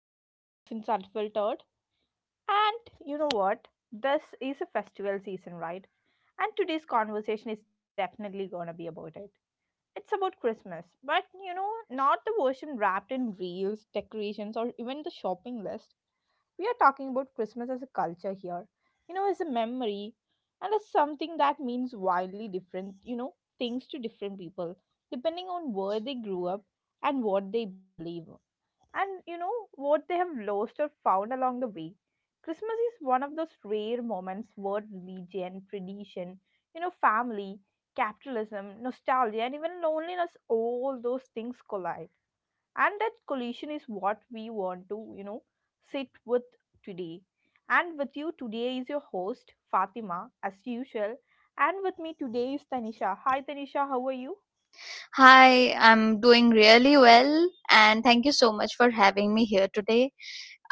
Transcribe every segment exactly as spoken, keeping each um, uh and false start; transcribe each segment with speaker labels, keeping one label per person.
Speaker 1: episode of Cats Inside Filtered. And you know what? This is a festival season, right? And today's conversation is definitely gonna be about it. It's about Christmas, but you know, not the version wrapped in reels, decorations, or even the shopping list. We are talking about Christmas as a culture here, you know, as a memory and as something that means wildly different, you know, things to different people, depending on where they grew up and what they believe and you know what they have lost or found along the way. Christmas is one of those rare moments where religion, tradition, you know, family, capitalism, nostalgia, and even loneliness all those things collide. And that collision is what we want to, you know, sit with today. And with you today is your host, Fatima, as usual. And with me today is Tanisha. Hi, Tanisha, how are you?
Speaker 2: Hi, I'm doing really well, and thank you so much for having me here today.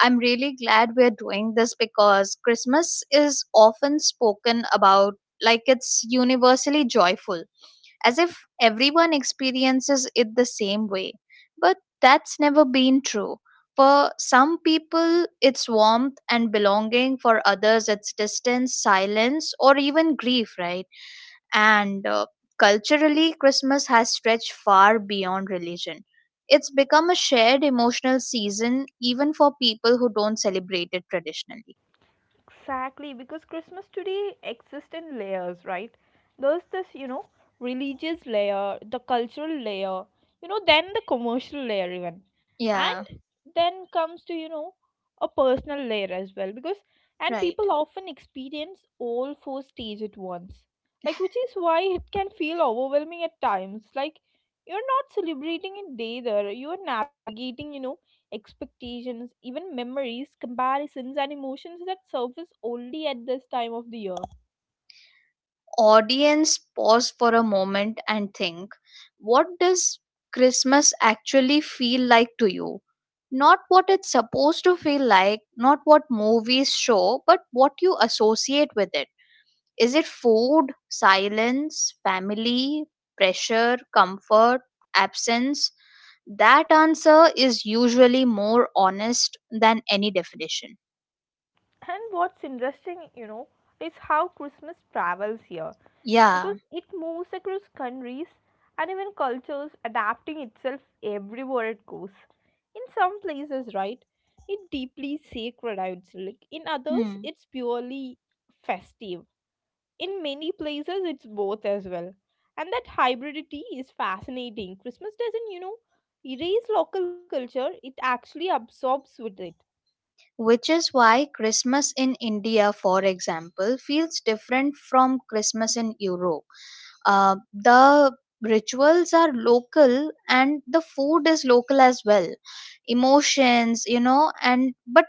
Speaker 2: I'm really glad we're doing this because Christmas is often spoken about like it's universally joyful, as if everyone experiences it the same way. But that's never been true. For some people, it's warmth and belonging, for others, it's distance, silence, or even grief, right? And uh, culturally, Christmas has stretched far beyond religion. It's become a shared emotional season, even for people who don't celebrate it traditionally.
Speaker 1: Exactly, because Christmas today exists in layers, right? There's this, you know, religious layer, the cultural layer, you know, then the commercial layer, even.
Speaker 2: Yeah.
Speaker 1: And then comes to, you know, a personal layer as well, because, and
Speaker 2: Right.
Speaker 1: people often experience all four stages at once. Like, which is why it can feel overwhelming at times. Like, you're not celebrating a day there, you're navigating, you know, expectations, even memories, comparisons, and emotions that surface only at this time of the year.
Speaker 2: Audience, pause for a moment and think: what does Christmas actually feel like to you? Not what it's supposed to feel like, not what movies show, but what you associate with it. Is it food, silence, family, pressure, comfort, absence? That answer is usually more honest than any definition.
Speaker 1: And what's interesting, you know, is how Christmas travels here
Speaker 2: Yeah.
Speaker 1: because it moves across countries and even cultures, adapting itself everywhere it goes. In some places, right, it deeply sacred, I would say. Like in others,
Speaker 2: Hmm.
Speaker 1: it's purely festive, in many places it's both as well, and that hybridity is fascinating. Christmas doesn't, you know erase local culture, it actually absorbs with it.
Speaker 2: Which is why Christmas in India, for example, feels different from Christmas in Europe. Uh, the rituals are local and the food is local as well. Emotions, you know and but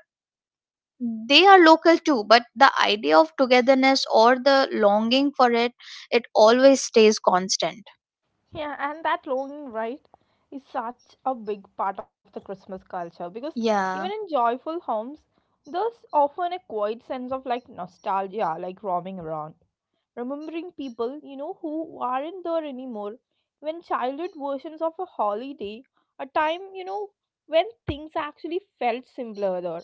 Speaker 2: they are local too, but the idea of togetherness, or the longing for it it always stays constant.
Speaker 1: Yeah, and that longing, right, is such a big part of the Christmas culture because even
Speaker 2: Yeah.
Speaker 1: in joyful homes there's often a quiet sense of like nostalgia, like roaming around, remembering people, you know who aren't there anymore, when childhood versions of a holiday, a time, you know when things actually felt simpler there.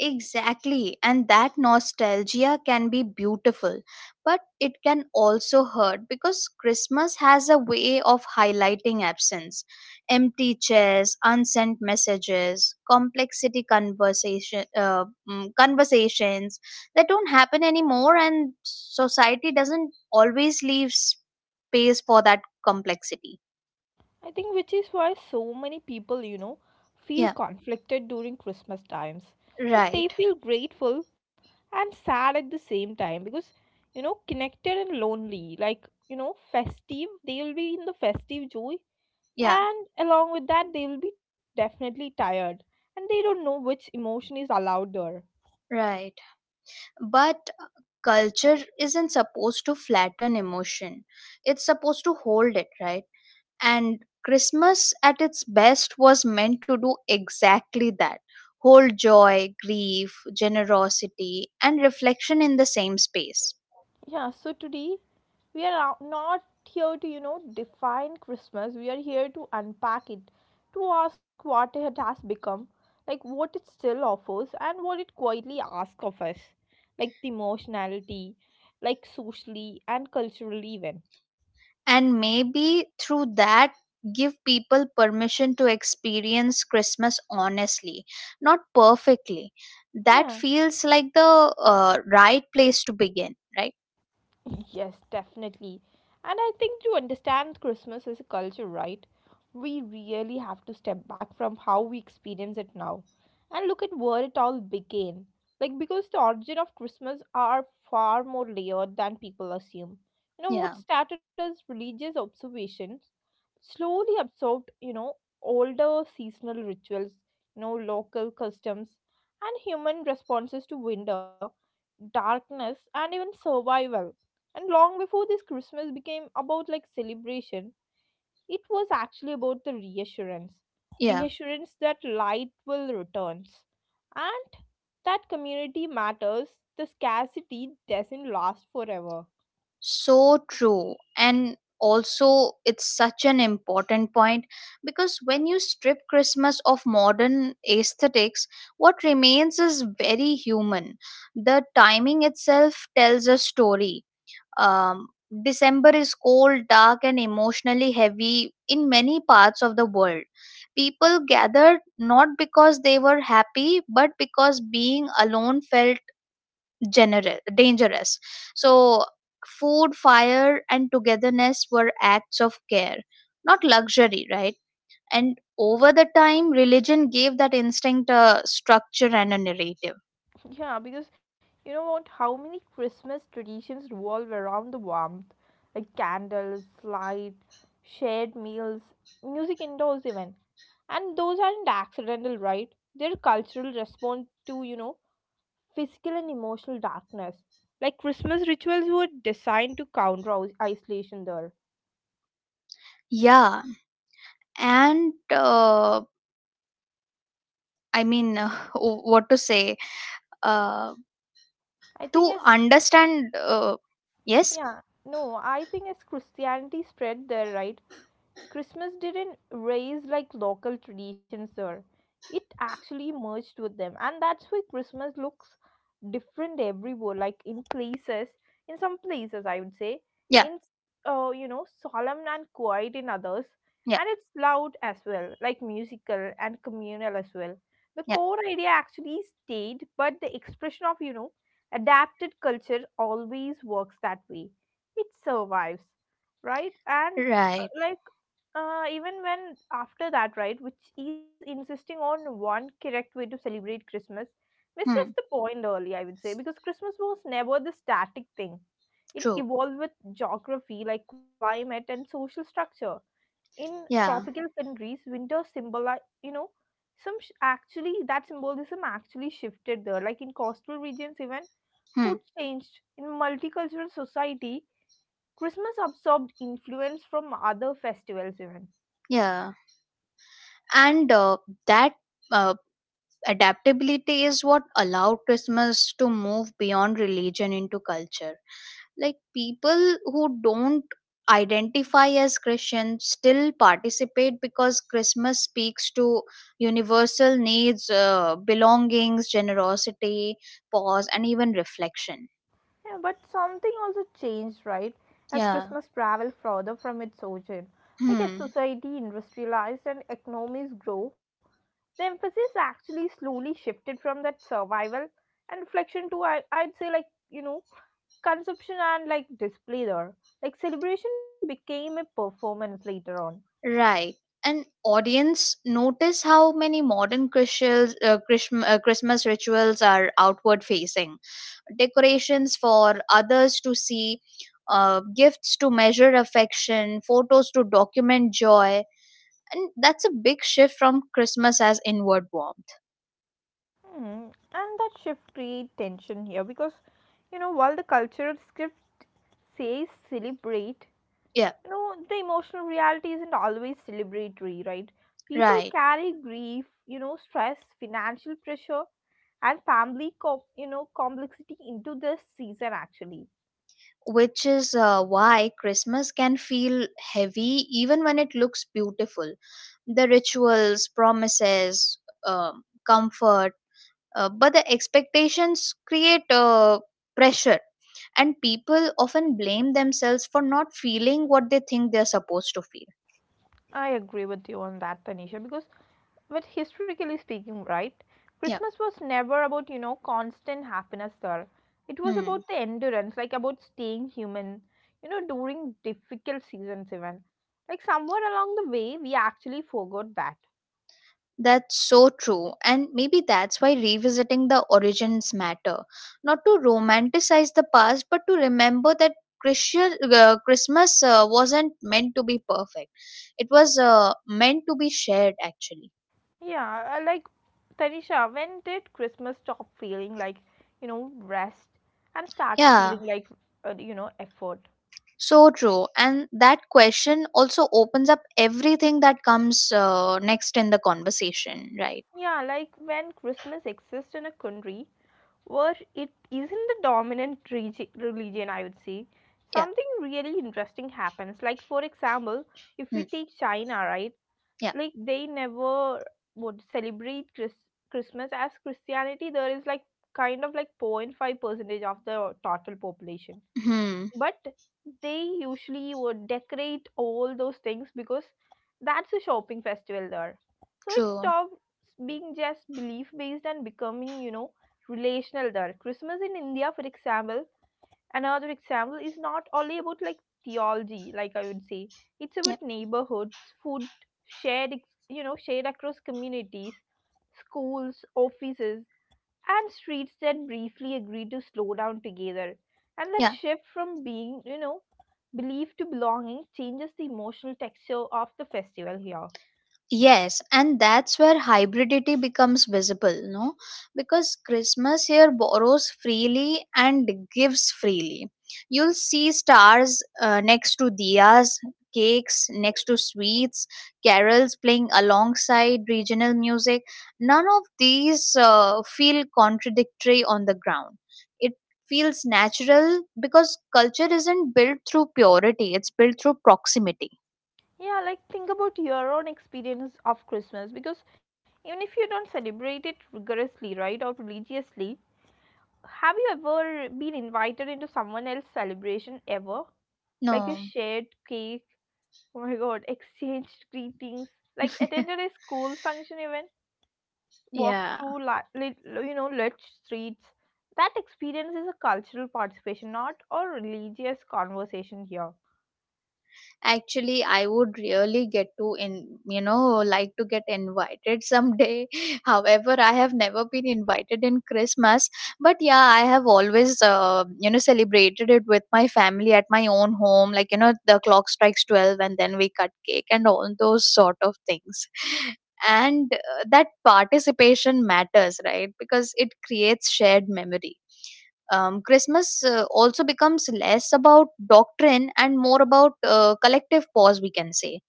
Speaker 2: Exactly. And that nostalgia can be beautiful, but it can also hurt because Christmas has a way of highlighting absence. Empty chairs, unsent messages, complexity conversation, uh, mm, conversations that don't happen anymore, and society doesn't always leave space for that complexity.
Speaker 1: I think which is why so many people, you know feel
Speaker 2: Yeah.
Speaker 1: conflicted during Christmas times. Like they
Speaker 2: Right.
Speaker 1: feel grateful and sad at the same time because, you know connected and lonely, like, you know festive they will be in the festive joy,
Speaker 2: Yeah.
Speaker 1: and along with that they will be definitely tired and they don't know which emotion is allowed there.
Speaker 2: Right. But uh, culture isn't supposed to flatten emotion, it's supposed to hold it, right? And Christmas at its best was meant to do exactly that: hold joy, grief, generosity, and reflection in the same space.
Speaker 1: Yeah, so today we are out- not here to you know define Christmas, we are here to unpack it, to ask what it has become, like what it still offers and what it quietly asks of us, like the emotionality, like socially and culturally even.
Speaker 2: And maybe through that, give people permission to experience Christmas honestly, not perfectly. That
Speaker 1: Yeah.
Speaker 2: feels like the uh, right place to begin, right?
Speaker 1: Yes, definitely. And I think to understand Christmas as a culture, right, we really have to step back from how we experience it now and look at where it all began. Like, because the origin of Christmas are far more layered than people assume. You know, what
Speaker 2: Yeah.
Speaker 1: started as religious observations slowly absorbed, you know, older seasonal rituals, you know, local customs and human responses to winter, darkness and even survival. And long before this Christmas became about like celebration, it was actually about the reassurance.
Speaker 2: Yeah.
Speaker 1: Reassurance that light will return. And that community matters, the scarcity doesn't last forever.
Speaker 2: So true. And also, it's such an important point, because when you strip Christmas of modern aesthetics, what remains is very human. The timing itself tells a story. Um, December is cold, dark, and emotionally heavy in many parts of the world. People gathered not because they were happy, but because being alone felt gener- dangerous. So, food, fire, and togetherness were acts of care, not luxury, right? And over the time, religion gave that instinct a structure and a narrative.
Speaker 1: Yeah, because you know what? How many Christmas traditions revolve around the warmth? Like candles, light, shared meals, music indoors, even. And those aren't accidental, right? They're cultural response to, you know, physical and emotional darkness. Like Christmas rituals were designed to counter is- isolation there.
Speaker 2: Yeah, and uh, I mean, what to say? Uh,
Speaker 1: I think
Speaker 2: to
Speaker 1: as,
Speaker 2: understand uh, Yes.
Speaker 1: yeah, no, I think as Christianity spread there, right? Christmas didn't raise like local traditions here. It actually merged with them. And that's why Christmas looks different everywhere. Like in places, in some places, I would say,
Speaker 2: Yeah.
Speaker 1: in, uh, you know, solemn and quiet in others.
Speaker 2: Yeah.
Speaker 1: And it's loud as well, like musical and communal as well. The
Speaker 2: Yeah.
Speaker 1: core idea actually stayed, but the expression of, you know, adapted culture always works that way. It survives, right? And uh,
Speaker 2: Right.
Speaker 1: like uh, even when after that, right, which is insisting on one correct way to celebrate Christmas, misses
Speaker 2: Hmm.
Speaker 1: the point early, I would say, because Christmas was never the static thing. It
Speaker 2: True.
Speaker 1: evolved with geography, like climate and social structure. In
Speaker 2: Yeah.
Speaker 1: tropical countries, winter symbolize, you know, some sh- actually that symbolism actually shifted there. Like in coastal regions, even
Speaker 2: Hmm.
Speaker 1: food changed. In multicultural society, Christmas absorbed influence from other festivals, even.
Speaker 2: Yeah. And uh, that uh, adaptability is what allowed Christmas to move beyond religion into culture. Like, people who don't identify as Christian still participate because Christmas speaks to universal needs: uh, belongings, generosity, pause, and even reflection.
Speaker 1: Yeah, but something also changed, right? As
Speaker 2: Yeah.
Speaker 1: Christmas traveled further from its origin. Like as
Speaker 2: Hmm.
Speaker 1: society industrialized and economies grow, the emphasis actually slowly shifted from that survival and reflection to I I'd say like, you know, consumption and like display there. Like celebration became a performance later on.
Speaker 2: Right. And audience, notice how many modern Christians, uh, Christm- uh, Christmas rituals are outward facing. Decorations for others to see, uh, gifts to measure affection, photos to document joy. And that's a big shift from Christmas as inward warmth.
Speaker 1: Hmm. And that shift create tension here because you know while the cultural script says celebrate,
Speaker 2: Yeah.
Speaker 1: you know the emotional reality isn't always celebratory, right? People
Speaker 2: Right.
Speaker 1: carry grief, you know, stress, financial pressure, and family, com- you know, complexity into this season actually.
Speaker 2: Which is uh, why Christmas can feel heavy even when it looks beautiful. The rituals, promises, um, comfort, uh, but the expectations create uh, pressure, and people often blame themselves for not feeling what they think they're supposed to feel.
Speaker 1: I agree with you on that, Tanisha, because, but historically speaking, right,
Speaker 2: Yeah.
Speaker 1: Christmas was never about, you know, constant happiness there. It was
Speaker 2: Hmm.
Speaker 1: about the endurance, like about staying human, you know, during difficult seasons, even. Like somewhere along the way, we actually forgot that.
Speaker 2: That's so true, and maybe that's why revisiting the origins matter. Not to romanticize the past, but to remember that Christian, uh, christmas uh, wasn't meant to be perfect. It was uh, meant to be shared, actually.
Speaker 1: Yeah, uh, like Tanisha, when did Christmas stop feeling like, you know, rest and start
Speaker 2: Yeah.
Speaker 1: feeling like, uh, you know, effort?
Speaker 2: So true. And that question also opens up everything that comes uh, next in the conversation, right?
Speaker 1: Yeah, like when Christmas exists in a country where it isn't the dominant regi- religion, I would say.
Speaker 2: Yeah.
Speaker 1: Something really interesting happens. Like, for example, if
Speaker 2: Hmm.
Speaker 1: we take China, right?
Speaker 2: Yeah.
Speaker 1: Like, they never would celebrate Chris- Christmas as Christianity. There is like kind of like zero point zero point five percentage of the total population,
Speaker 2: Hmm.
Speaker 1: but they usually would decorate all those things because that's a shopping festival there. So it
Speaker 2: True.
Speaker 1: stops being just belief based and becoming, you know relational there. Christmas in India, for example, another example, is not only about like theology, like I would say, it's
Speaker 2: Yeah.
Speaker 1: about neighborhoods, food, shared ex- you know shared across communities, schools, offices, and streets that briefly agreed to slow down together. And that
Speaker 2: Yeah.
Speaker 1: shift from being, you know, belief to belonging changes the emotional texture of the festival here.
Speaker 2: Yes, and that's where hybridity becomes visible, no? Because Christmas here borrows freely and gives freely. You'll see stars uh, next to diyas, cakes next to sweets, carols playing alongside regional music. None of these uh, feel contradictory on the ground. It feels natural because culture isn't built through purity, it's built through proximity.
Speaker 1: Yeah, like think about your own experience of Christmas because even if you don't celebrate it rigorously, right, or religiously, have you ever been invited into someone else's celebration ever? Like a
Speaker 2: No.
Speaker 1: shared cake, oh my god, exchanged greetings, like attended a school function even? Walk
Speaker 2: Yeah.
Speaker 1: through li- lit- you know lit streets. That experience is a cultural participation, not a religious conversation here.
Speaker 2: Actually, I would really get to in you know like to get invited someday. However, I have never been invited in Christmas, but yeah, I have always uh, you know celebrated it with my family at my own home. Like, you know, the clock strikes twelve, and then we cut cake and all those sort of things. And uh, that participation matters, right? Because it creates shared memory. um, Christmas uh, also becomes less about doctrine and more about uh, collective pause, we can say.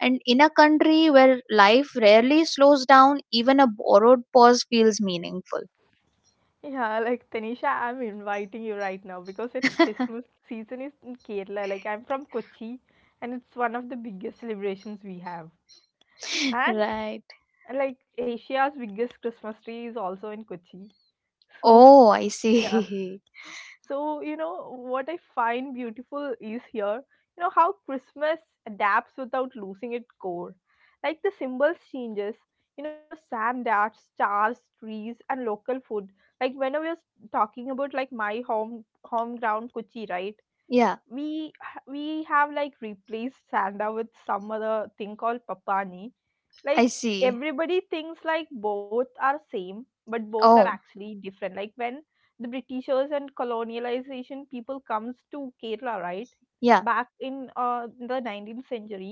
Speaker 2: And in a country where life rarely slows down, even a borrowed pause feels meaningful.
Speaker 1: Yeah, like Tanisha, I'm inviting you right now because it's Christmas season is in Kerala. Like I'm from Kochi and it's one of the biggest celebrations we have. And.
Speaker 2: Right.
Speaker 1: And like Asia's biggest Christmas tree is also in Kochi. So
Speaker 2: Oh, I
Speaker 1: yeah.
Speaker 2: see.
Speaker 1: So, you know, what I find beautiful is here, you know, how Christmas adapts without losing its core. Like the symbols changes, you know, sand art, stars, trees, and local food. Like whenever you're s- talking about like my home home ground Kochi, right?
Speaker 2: Yeah.
Speaker 1: we ha- we have like replaced sanda with some other thing called papani. Like
Speaker 2: I see.
Speaker 1: everybody thinks like both are same but both are
Speaker 2: Oh.
Speaker 1: actually different, like when the britishers and colonialization people comes to Kerala, right,
Speaker 2: Yeah,
Speaker 1: back in uh, the nineteenth century,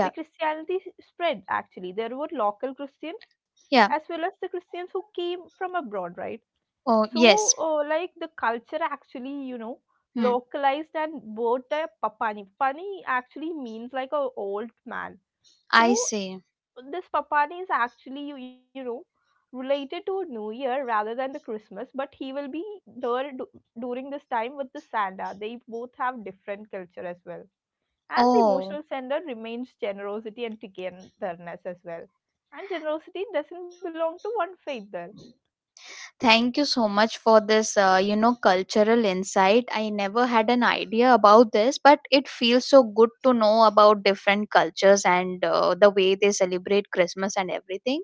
Speaker 1: the Christianity s- spread actually, there were local Christians
Speaker 2: yeah.
Speaker 1: as well as the Christians who came from abroad, right?
Speaker 2: Oh,
Speaker 1: So,
Speaker 2: yes.
Speaker 1: uh, like the culture actually, you know,
Speaker 2: Hmm,
Speaker 1: localized and word the papani. Papani actually means like a old man.
Speaker 2: I
Speaker 1: So,
Speaker 2: see.
Speaker 1: this papani is actually, you, you know, related to New Year rather than the Christmas, but he will be there du- during this time with the Santa. They both have different culture as well. And the
Speaker 2: Oh.
Speaker 1: emotional sender remains generosity and togetherness as well. And generosity doesn't belong to one faith there.
Speaker 2: Thank you so much for this, uh, you know, cultural insight. I never had an idea about this, but it feels so good to know about different cultures and uh, the way they celebrate Christmas and everything.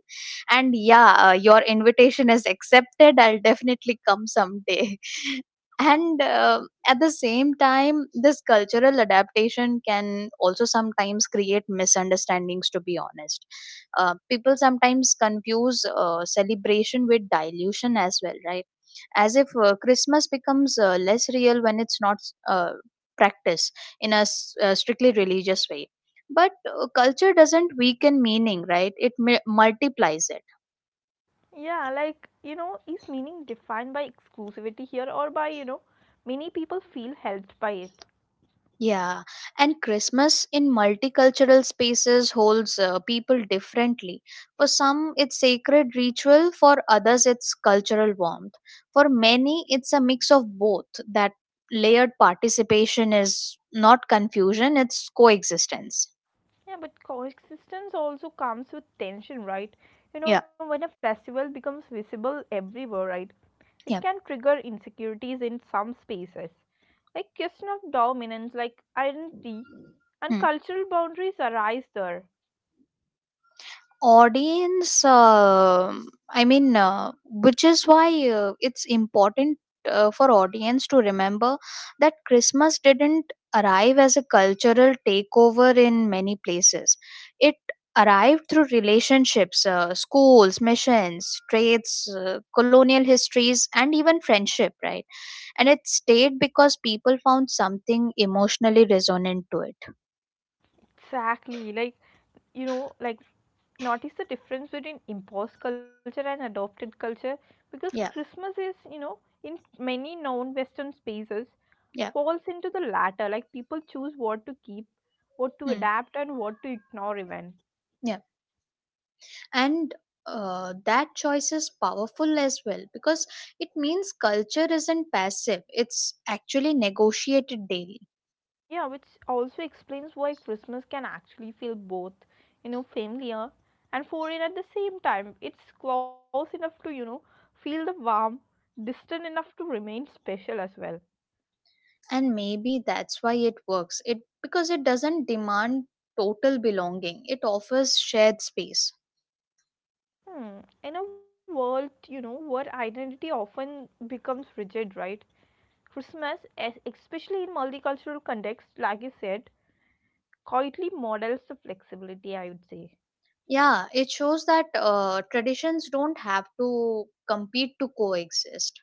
Speaker 2: And yeah, uh, your invitation is accepted. I'll definitely come someday. and uh, at the same time, this cultural adaptation can also sometimes create misunderstandings, to be honest. Uh, people sometimes confuse uh, celebration with dilution as well, right? As if uh, Christmas becomes uh, less real when it's not uh, practiced in a s- uh, strictly religious way. But uh, culture doesn't weaken meaning, right? It mi- multiplies it.
Speaker 1: Yeah, like, you know, is meaning defined by exclusivity here or by, you know, many people feel helped by it?
Speaker 2: Yeah, and Christmas in multicultural spaces holds uh, people differently. For some, it's sacred ritual, for others, it's cultural warmth. For many, it's a mix of both. That layered participation is not confusion, it's coexistence.
Speaker 1: Yeah, but coexistence also comes with tension, right? You know,
Speaker 2: Yeah.
Speaker 1: when a festival becomes visible everywhere, right? It can
Speaker 2: Yeah.
Speaker 1: trigger insecurities in some spaces, like question of dominance, like identity, and
Speaker 2: Hmm.
Speaker 1: cultural boundaries arise there.
Speaker 2: Audience, um I mean, uh, which is why uh, it's important uh, for audience to remember that Christmas didn't arrive as a cultural takeover in many places. It arrived through relationships, uh, schools, missions, trades, uh, colonial histories, and even friendship, right? And it stayed because people found something emotionally resonant to it.
Speaker 1: Exactly, like you know like notice the difference between imposed culture and adopted culture because
Speaker 2: Yeah.
Speaker 1: Christmas is, you know in many non-western spaces,
Speaker 2: Yeah.
Speaker 1: falls into the latter. Like people choose what to keep, what to
Speaker 2: Hmm.
Speaker 1: adapt and what to ignore even.
Speaker 2: Yeah. And uh, that choice is powerful as well, because it means culture isn't passive, it's actually negotiated daily.
Speaker 1: Yeah, which also explains why Christmas can actually feel both, you know familiar and foreign at the same time. It's close enough to, you know feel the warm, distant enough to remain special as well.
Speaker 2: And maybe that's why it works, it because it doesn't demand total belonging. It offers shared space.
Speaker 1: Hmm. In a world, you know, where identity often becomes rigid, right? Christmas, es- especially in multicultural context, like you said, quietly models the flexibility, I would say.
Speaker 2: Yeah. It shows that uh, traditions don't have to compete to coexist.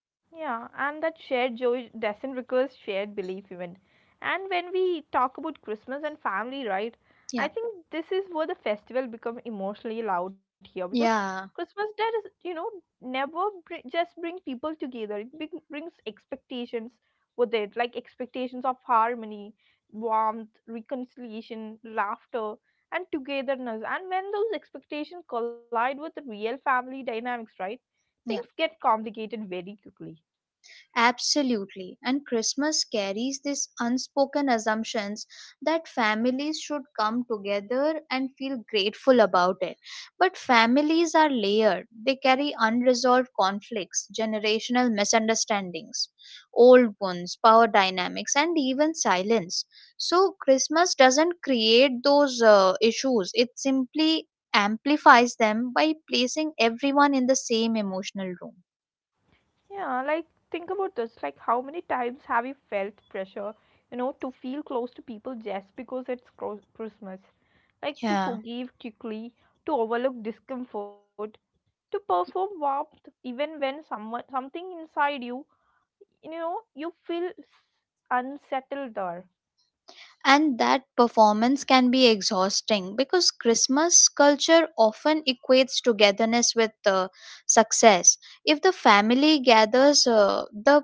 Speaker 1: Yeah, and that shared joy doesn't require shared belief even. And when we talk about Christmas and family, right?
Speaker 2: Yeah.
Speaker 1: I think this is where the festival become emotionally loud here because
Speaker 2: Yeah.
Speaker 1: Christmas Day is, you know, never br- just bring people together. It bring- brings expectations with it, like expectations of harmony, warmth, reconciliation, laughter, and togetherness. And when those expectations collide with the real family dynamics, right? Things
Speaker 2: Yeah.
Speaker 1: get complicated very quickly.
Speaker 2: Absolutely. And Christmas carries these unspoken assumptions that families should come together and feel grateful about it. But families are layered, they carry unresolved conflicts, generational misunderstandings, old wounds, power dynamics, and even silence. So, Christmas doesn't create those uh, issues, it simply amplifies them by placing everyone in the same emotional room.
Speaker 1: Yeah, like think about this. Like, how many times have you felt pressure, you know, to feel close to people just because it's cro- Christmas? Like, to
Speaker 2: Yeah.
Speaker 1: forgive quickly, to overlook discomfort, to perform warmth even when someone something inside you, you know, you feel s- unsettled there.
Speaker 2: And that performance can be exhausting because Christmas culture often equates togetherness with uh, success. If the family gathers, uh, the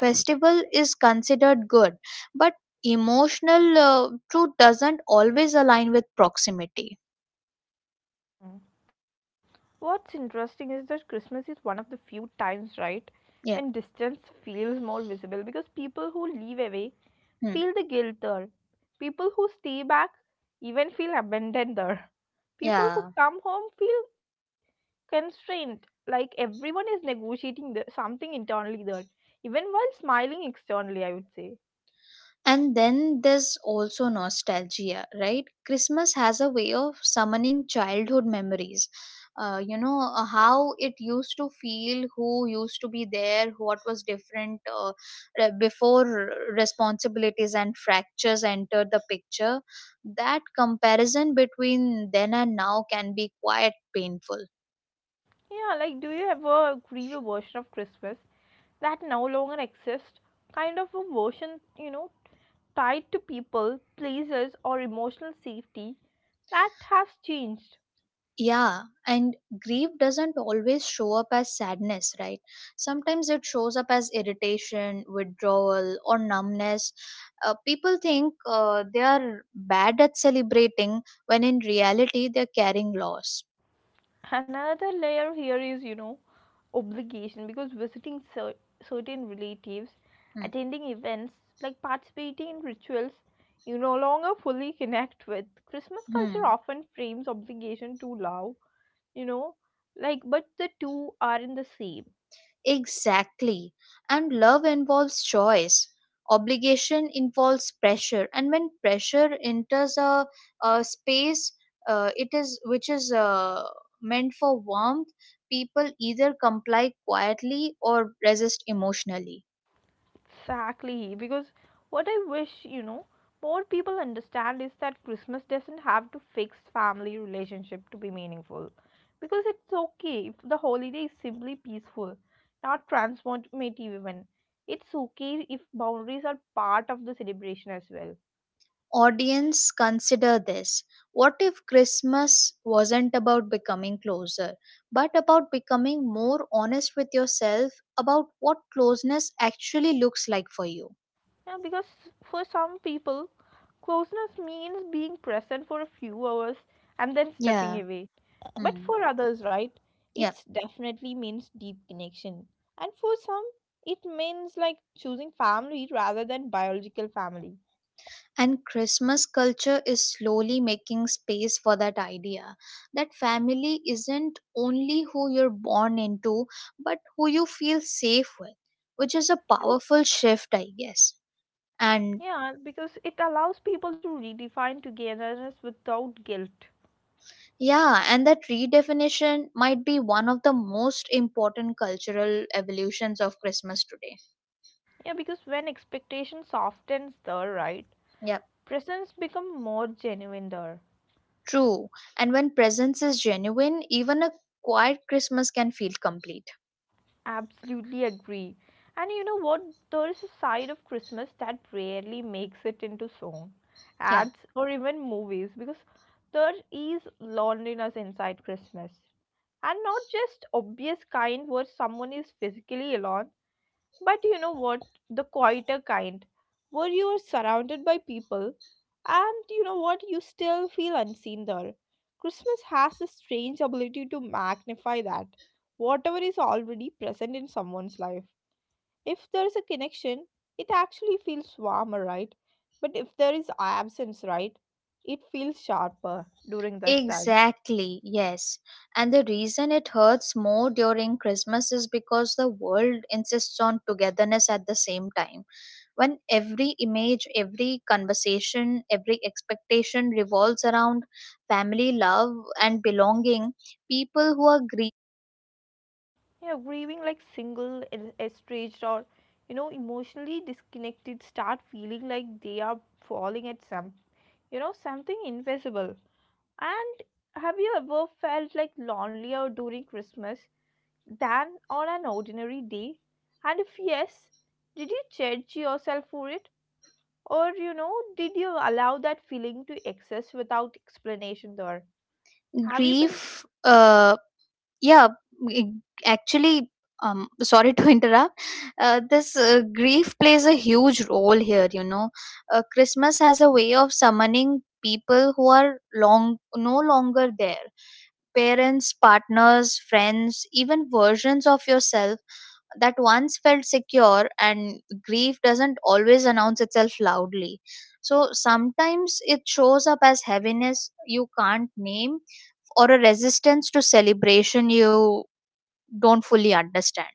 Speaker 2: festival is considered good, but emotional uh, truth doesn't always align with proximity.
Speaker 1: Mm. What's interesting is that Christmas is one of the few times, right, when
Speaker 2: Yeah.
Speaker 1: distance feels more visible because people who live away
Speaker 2: Hmm.
Speaker 1: feel the guilt there. People who stay back even feel abandoned there. People who
Speaker 2: Yeah.
Speaker 1: come home feel constrained, like everyone is negotiating the, something internally there, even while smiling externally, I would say.
Speaker 2: And then there's also nostalgia, right? Christmas has a way of summoning childhood memories. Uh, you know, uh, how it used to feel, who used to be there, what was different, uh, re- before responsibilities and fractures entered the picture. That comparison between then and now can be quite painful.
Speaker 1: Yeah, like, do you ever grieve a version of Christmas that no longer exists? Kind of a version, you know, tied to people, places, or emotional safety that has changed.
Speaker 2: Yeah, and grief doesn't always show up as sadness, right? Sometimes it shows up as irritation, withdrawal, or numbness. Uh, people think uh, they are bad at celebrating when in reality they're carrying loss.
Speaker 1: Another layer here is, you know, obligation because visiting cer- certain relatives,
Speaker 2: Hmm.
Speaker 1: attending events, like participating in rituals, you no longer fully connect with. Christmas culture
Speaker 2: Hmm.
Speaker 1: often frames obligation to love, you know, like, but the two aren't the same.
Speaker 2: Exactly. And love involves choice. Obligation involves pressure. And when pressure enters a, a space, uh, it is which is uh, meant for warmth, people either comply quietly or resist emotionally.
Speaker 1: Exactly, because what I wish, you know, more people understand is that Christmas doesn't have to fix family relationship to be meaningful. Because it's okay if the holiday is simply peaceful, not transformative even. It's okay if boundaries are part of the celebration as well.
Speaker 2: Audience, consider this. What if Christmas wasn't about becoming closer, but about becoming more honest with yourself about what closeness actually looks like for you?
Speaker 1: Yeah, because for some people, closeness means being present for a few hours and then stepping
Speaker 2: Yeah.
Speaker 1: away. But
Speaker 2: Hmm.
Speaker 1: for others, right,
Speaker 2: Yeah.
Speaker 1: it definitely means deep connection. And for some, it means like choosing family rather than biological family.
Speaker 2: And Christmas culture is slowly making space for that idea that family isn't only who you're born into, but who you feel safe with, which is a
Speaker 1: Oh,
Speaker 2: powerful shift, I guess. And
Speaker 1: yeah, because it allows people to redefine togetherness without guilt.
Speaker 2: yeah, and that redefinition might be one of the most important cultural evolutions of Christmas today.
Speaker 1: Yeah, because when expectation softens there, right,
Speaker 2: Yeah,
Speaker 1: presence become more genuine there.
Speaker 2: true. And when presence is genuine, even a quiet Christmas can feel complete.
Speaker 1: Absolutely agree. And you know what? There is a side of Christmas that rarely makes it into song,
Speaker 2: Yeah.
Speaker 1: ads, or even movies because there is loneliness inside Christmas. And not just obvious kind where someone is physically alone, but you know what? The quieter kind, where you are surrounded by people, and you know what? You still feel unseen there. Christmas has a strange ability to magnify that, whatever is already present in someone's life. If there is a connection, it actually feels warmer, right? But if there is absence, right, it feels sharper during this time.
Speaker 2: Exactly, yes. And the reason it hurts more during Christmas is because the world insists on togetherness at the same time. When every image, every conversation, every expectation revolves around family love and belonging, people who are grie-
Speaker 1: Yeah, grieving like single, es- estranged, or you know, emotionally disconnected start feeling like they are falling at some, you know, something invisible. And have you ever felt like lonelier during Christmas than on an ordinary day? And if yes, did you judge yourself for it? Or, you know, did you allow that feeling to exist without explanation there? Have you been,
Speaker 2: grief uh, yeah g- actually um sorry to interrupt. Uh, this uh, grief plays a huge role here. You know uh, christmas has a way of summoning people who are long no longer there, parents, partners, friends, even versions of yourself that once felt secure. And grief doesn't always announce itself loudly, so sometimes it shows up as heaviness you can't name, or a resistance to celebration you don't fully understand.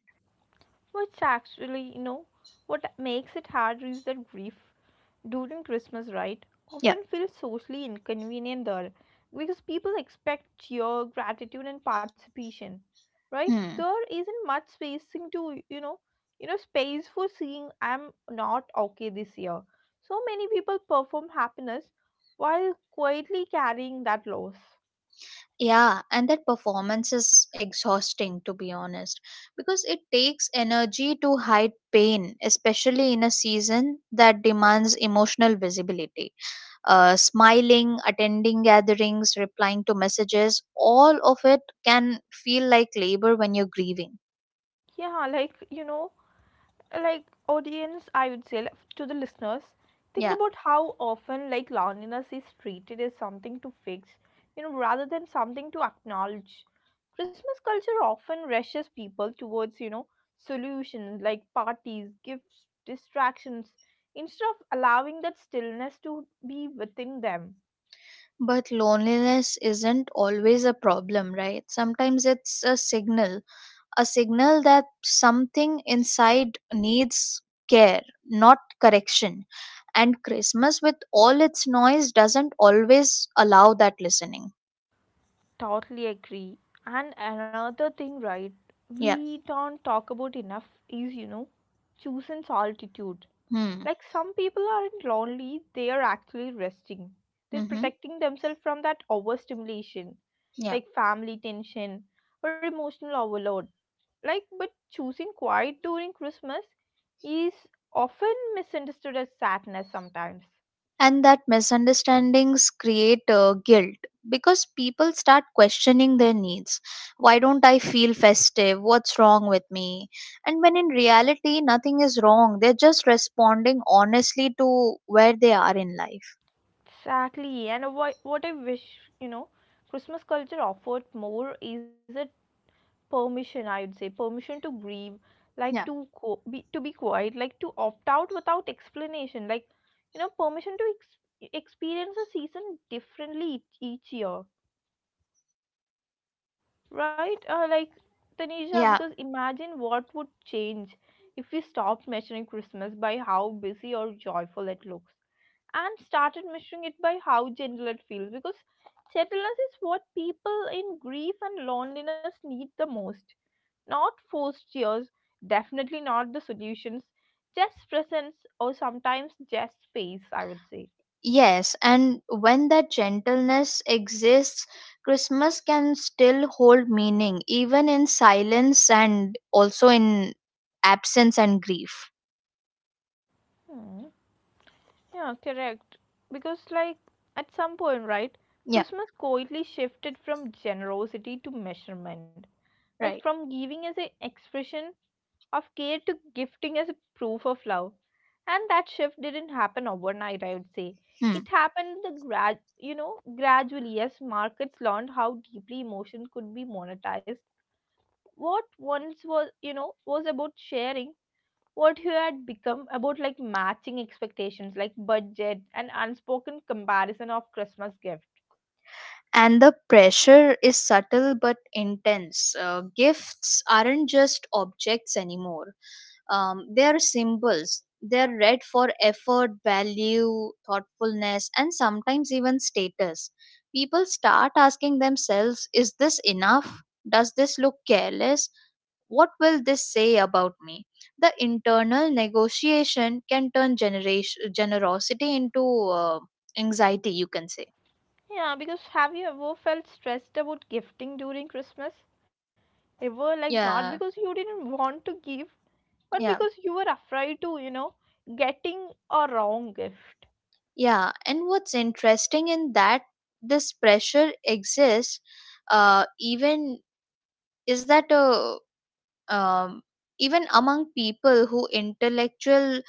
Speaker 1: which actually, you know, what makes it hard is that grief during Christmas, right,
Speaker 2: Yeah.
Speaker 1: often feels socially inconvenient there because people expect cheer, gratitude, and participation, right?
Speaker 2: Hmm.
Speaker 1: There isn't much spacing to you know, you know, space for saying I'm not okay this year. So many people perform happiness while quietly carrying that loss.
Speaker 2: Yeah, and that performance is exhausting, to be honest, because it takes energy to hide pain, especially in a season that demands emotional visibility. Uh, smiling, attending gatherings, replying to messages, all of it can feel like labor when you're grieving.
Speaker 1: Yeah, like you know, like audience I would say like, to the listeners think
Speaker 2: Yeah.
Speaker 1: about how often like loneliness is treated as something to fix you know rather than something to acknowledge. Christmas culture often rushes people towards you know solutions like parties, gifts, distractions instead of allowing that stillness to be within them.
Speaker 2: But loneliness isn't always a problem, right? Sometimes it's a signal, a signal that something inside needs care, not correction. And Christmas, with all its noise, doesn't always allow that listening.
Speaker 1: Totally agree. And another thing, right,
Speaker 2: Yeah.
Speaker 1: we don't talk about enough is, you know, choosing solitude.
Speaker 2: Hmm.
Speaker 1: Like some people aren't lonely, they are actually resting. They're
Speaker 2: Mm-hmm.
Speaker 1: protecting themselves from that overstimulation,
Speaker 2: Yeah.
Speaker 1: like family tension or emotional overload. Like, but choosing quiet during Christmas is often misunderstood as sadness sometimes.
Speaker 2: And that misunderstandings create uh, guilt because people start questioning their needs. Why don't I feel festive? What's wrong with me? And when in reality, nothing is wrong. They're just responding honestly to where they are in life.
Speaker 1: Exactly, and what what I wish you know, Christmas culture offered more is it permission. I would say permission to grieve, like
Speaker 2: Yeah.
Speaker 1: to co- be to be quiet, like to opt out without explanation, like you know, permission to ex- experience a season differently each, each year, right? Uh, like Tanisha,
Speaker 2: Yeah.
Speaker 1: because imagine what would change if we stopped measuring Christmas by how busy or joyful it looks and started measuring it by how gentle it feels because gentleness is what people in grief and loneliness need the most, not forced tears, definitely not the solutions, just presence, or sometimes just space I would say.
Speaker 2: Yes, and when that gentleness exists, Christmas can still hold meaning, even in silence and also in absence and grief.
Speaker 1: Hmm. Yeah, correct. Because, like, at some point, right,
Speaker 2: Yeah,
Speaker 1: Christmas quietly shifted from generosity to measurement, like
Speaker 2: right.
Speaker 1: from giving as an expression of care to gifting as a proof of love. And that shift didn't happen overnight I would say.
Speaker 2: Hmm.
Speaker 1: It happened the grad you know gradually, as markets learned how deeply emotion could be monetized. What once was you know was about sharing what you had become about like matching expectations, like budget and unspoken comparison of Christmas gift.
Speaker 2: And the pressure is subtle but intense. Uh, gifts aren't just objects anymore. Um, they are symbols. They are read for effort, value, thoughtfulness, and sometimes even status. People start asking themselves, is this enough? Does this look careless? What will this say about me? The internal negotiation can turn generation, generosity into uh, anxiety, you can say.
Speaker 1: Yeah, because have you ever felt stressed about gifting during Christmas ever, like not because
Speaker 2: Yeah,
Speaker 1: you didn't want to give, but
Speaker 2: yeah,
Speaker 1: because you were afraid to you know getting a wrong gift.
Speaker 2: yeah. And what's interesting in that this pressure exists, uh, even is that uh, um, even among people who intellectual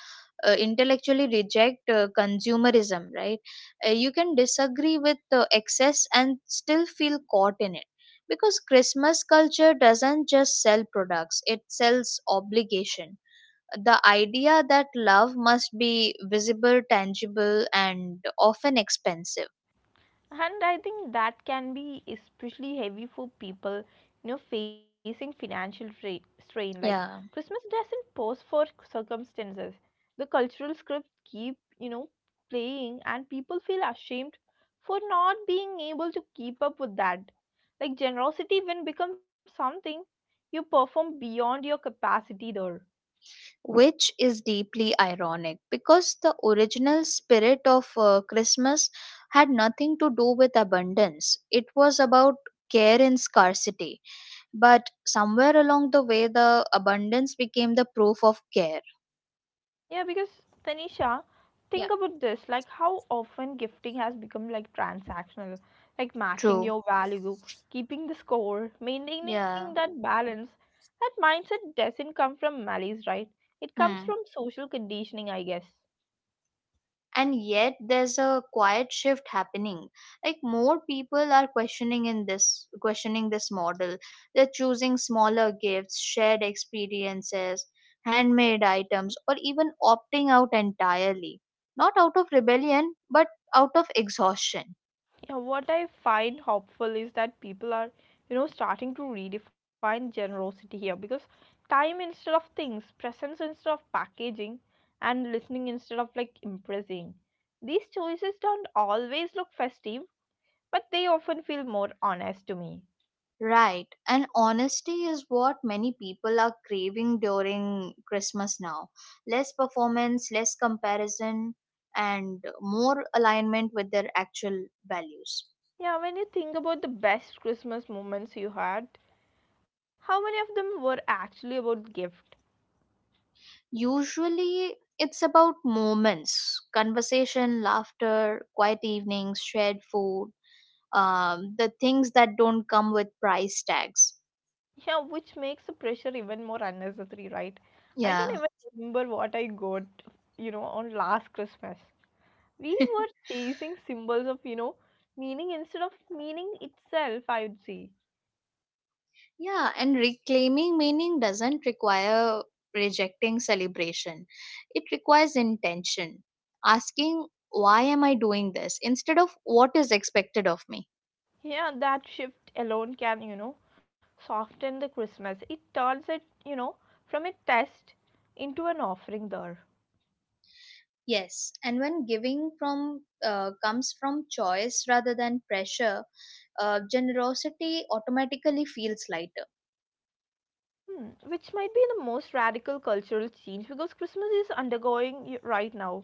Speaker 2: uh, intellectually reject uh, consumerism, right? uh, you can disagree with the excess and still feel caught in it, because Christmas culture doesn't just sell products, it sells obligation, the idea that love must be visible, tangible, and often expensive.
Speaker 1: And I think that can be especially heavy for people you know facing financial tra- strain. Like
Speaker 2: Yeah,
Speaker 1: Christmas doesn't pause for circumstances. The cultural script keep you know playing, and people feel ashamed for not being able to keep up with that. Like generosity when becomes something you perform beyond your capacity there.
Speaker 2: which is deeply ironic because the original spirit of uh, Christmas had nothing to do with abundance. It was about care in scarcity. But somewhere along the way, the abundance became the proof of care.
Speaker 1: Yeah, because Tanisha, think
Speaker 2: Yeah.
Speaker 1: about this like how often gifting has become like transactional, like matching
Speaker 2: True.
Speaker 1: your value, keeping the score, maintaining that
Speaker 2: Yeah.
Speaker 1: balance. That mindset doesn't come from malice, right? It comes
Speaker 2: Hmm.
Speaker 1: from social conditioning, I guess.
Speaker 2: And yet there's a quiet shift happening. Like more people are questioning in this questioning this model. They're choosing smaller gifts, shared experiences, handmade items, or even opting out entirely, not out of rebellion but out of exhaustion.
Speaker 1: Yeah, what I find hopeful is that people are, you know, starting to redefine generosity here because time instead of things, presence instead of packaging, and listening instead of like impressing. These choices don't always look festive, but they often feel more honest to me.
Speaker 2: Right, and honesty is what many people are craving during Christmas now. Less performance, less comparison, and more alignment with their actual values.
Speaker 1: Yeah, when you think about the best Christmas moments you had, how many of them were actually about gift?
Speaker 2: Usually, it's about moments, conversation, laughter, quiet evenings, shared food, um, the things that don't come with price tags.
Speaker 1: Yeah, which makes the pressure even more unnecessary, right? I don't
Speaker 2: Yeah.
Speaker 1: even remember what I got, you know, on last Christmas. We were chasing symbols of, you know, meaning instead of meaning itself, I would say.
Speaker 2: Yeah, and reclaiming meaning doesn't require rejecting celebration. It requires intention. Asking, why am I doing this? Instead of what is expected of me.
Speaker 1: Yeah, that shift alone can, you know, soften the Christmas. It turns it, you know, from a test into an offering there.
Speaker 2: Yes, and when giving from uh, comes from choice rather than pressure, uh, generosity automatically feels lighter.
Speaker 1: Hmm, which might be the most radical cultural change because Christmas is undergoing y- right now,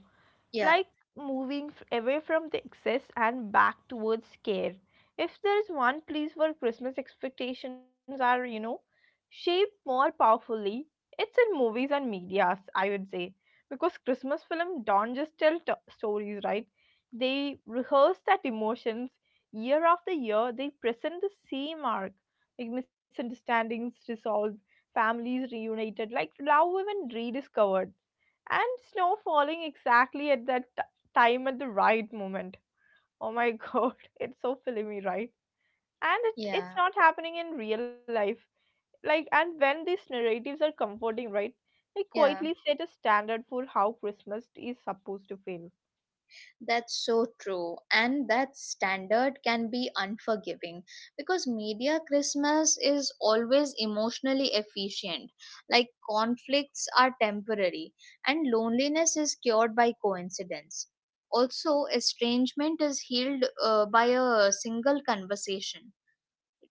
Speaker 2: Yeah,
Speaker 1: like moving f- away from the excess and back towards care. If there is one place where Christmas expectations are, you know, shaped more powerfully, it's in movies and medias, I would say. Because Christmas film don't just tell t- stories, right? They rehearse that emotions year after year. They present the same arc, like misunderstandings resolved, families reunited, like love even rediscovered and snow falling exactly at that t- time at the right moment. Oh my god, it's so filmy right, and it's
Speaker 2: yeah,
Speaker 1: it's not happening in real life. Like, and when these narratives are comforting right, they
Speaker 2: yeah.
Speaker 1: quietly set a standard for how Christmas is supposed to feel.
Speaker 2: That's so true. And that standard can be unforgiving because media Christmas is always emotionally efficient. Like conflicts are temporary and loneliness is cured by coincidence. Also, estrangement is healed uh, by a single conversation.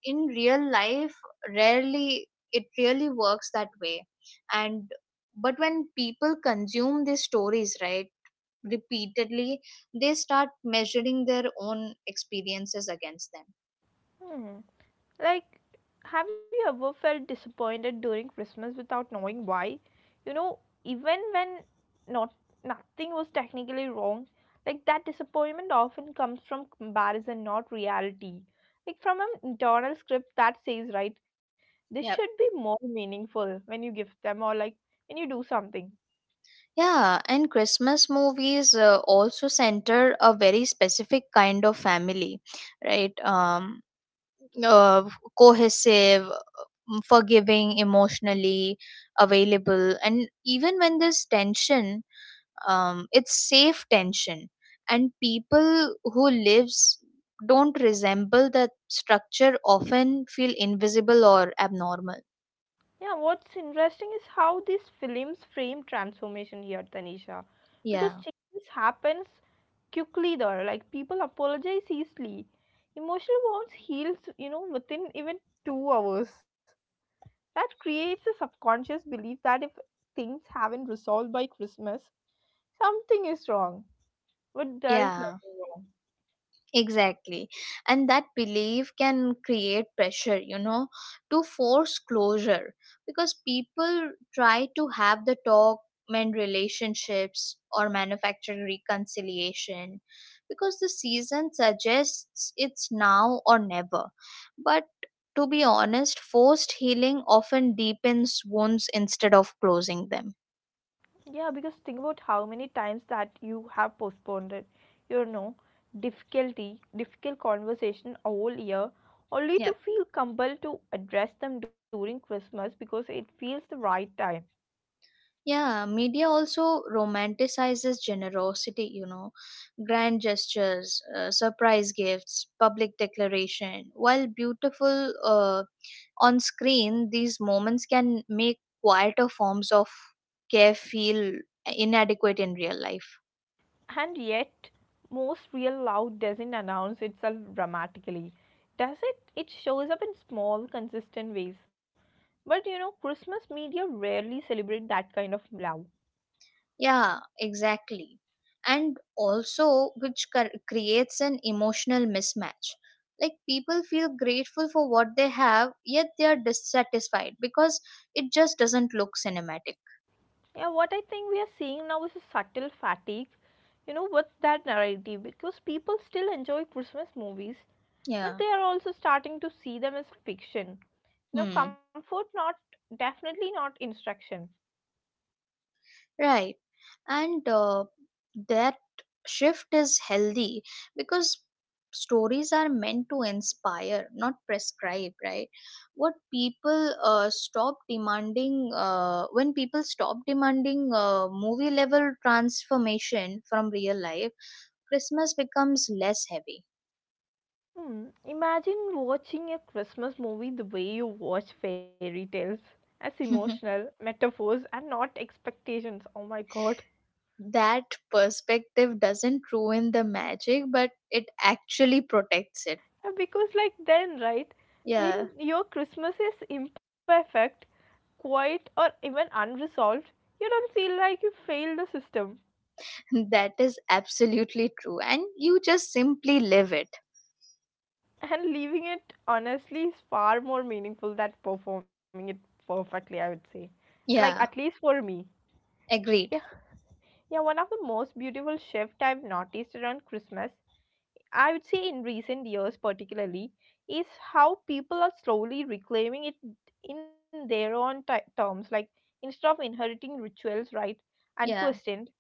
Speaker 2: In real life, rarely it really works that way. And but when people consume these stories, right? Repeatedly, they start measuring their own experiences against them.
Speaker 1: Hmm. Like, have you ever felt disappointed during Christmas without knowing why? You know, even when not nothing was technically wrong, like that disappointment often comes from comparison, not reality. Like from an internal script that says, right, this should be
Speaker 2: Yep.
Speaker 1: more meaningful when you give them, or like when you do something.
Speaker 2: Yeah, and Christmas movies uh, also center a very specific kind of family, right? Um, uh, Cohesive, mm, forgiving, emotionally available, and even when there's tension, um, it's safe tension, and people who lives don't resemble that structure often feel invisible or abnormal.
Speaker 1: Yeah, what's interesting is how these films frame transformation here, Tanisha. Because
Speaker 2: Yeah,
Speaker 1: change happens quickly there. Like people apologize easily. Emotional wounds heals, you know, within even two hours. That creates a subconscious belief that if things haven't resolved by Christmas, something is wrong. But there is
Speaker 2: yeah.
Speaker 1: nothing wrong.
Speaker 2: Exactly. And that belief can create pressure, you know, to force closure, because people try to have the talk, mend relationships, or manufacture reconciliation because the season suggests it's now or never. But to be honest, forced healing often deepens wounds instead of closing them.
Speaker 1: Yeah, because think about how many times that you have postponed it. You know, difficulty, difficult conversation all year, only to
Speaker 2: Yep.
Speaker 1: feel compelled to address them during Christmas because it feels the right time.
Speaker 2: Yeah, media also romanticizes generosity, you know, grand gestures, uh, surprise gifts, public declaration. While beautiful uh, on screen, these moments can make quieter forms of care feel inadequate in real life.
Speaker 1: And yet, most real love doesn't announce itself dramatically. Does it? It shows up in small, consistent ways. But you know, Christmas media rarely celebrate that kind of love.
Speaker 2: Yeah, exactly. And also, which cur- creates an emotional mismatch. Like, people feel grateful for what they have, yet they are dissatisfied because it just doesn't look cinematic.
Speaker 1: Yeah, what I think we are seeing now is a subtle fatigue, you know, with that narrative because people still enjoy Christmas movies, but
Speaker 2: Yeah.
Speaker 1: they are also starting to see them as fiction. You know,
Speaker 2: Hmm.
Speaker 1: comfort, not definitely not instruction.
Speaker 2: Right. And uh, that shift is healthy because stories are meant to inspire, not prescribe, right? What people uh, stop demanding, uh, when people stop demanding uh, movie level transformation from real life, Christmas becomes less heavy.
Speaker 1: Hmm. Imagine watching a Christmas movie the way you watch fairy tales as emotional metaphors and not expectations. Oh my god.
Speaker 2: That perspective doesn't ruin the magic, but it actually protects it.
Speaker 1: Uh, Because, like, then, right,
Speaker 2: Yeah.
Speaker 1: when your Christmas is imperfect, quiet, or even unresolved, you don't feel like you failed the system.
Speaker 2: That is absolutely true. And you just simply live it.
Speaker 1: And leaving it honestly is far more meaningful than performing it perfectly, I would say. Like, at
Speaker 2: Yeah,
Speaker 1: least for me. Yeah,
Speaker 2: agreed.
Speaker 1: yeah, one of the most beautiful shift I've noticed around Christmas I would say in recent years, particularly, is how people are slowly reclaiming it in their own ti terms. Like instead of inheriting rituals, right, and
Speaker 2: Yeah,
Speaker 1: questioned,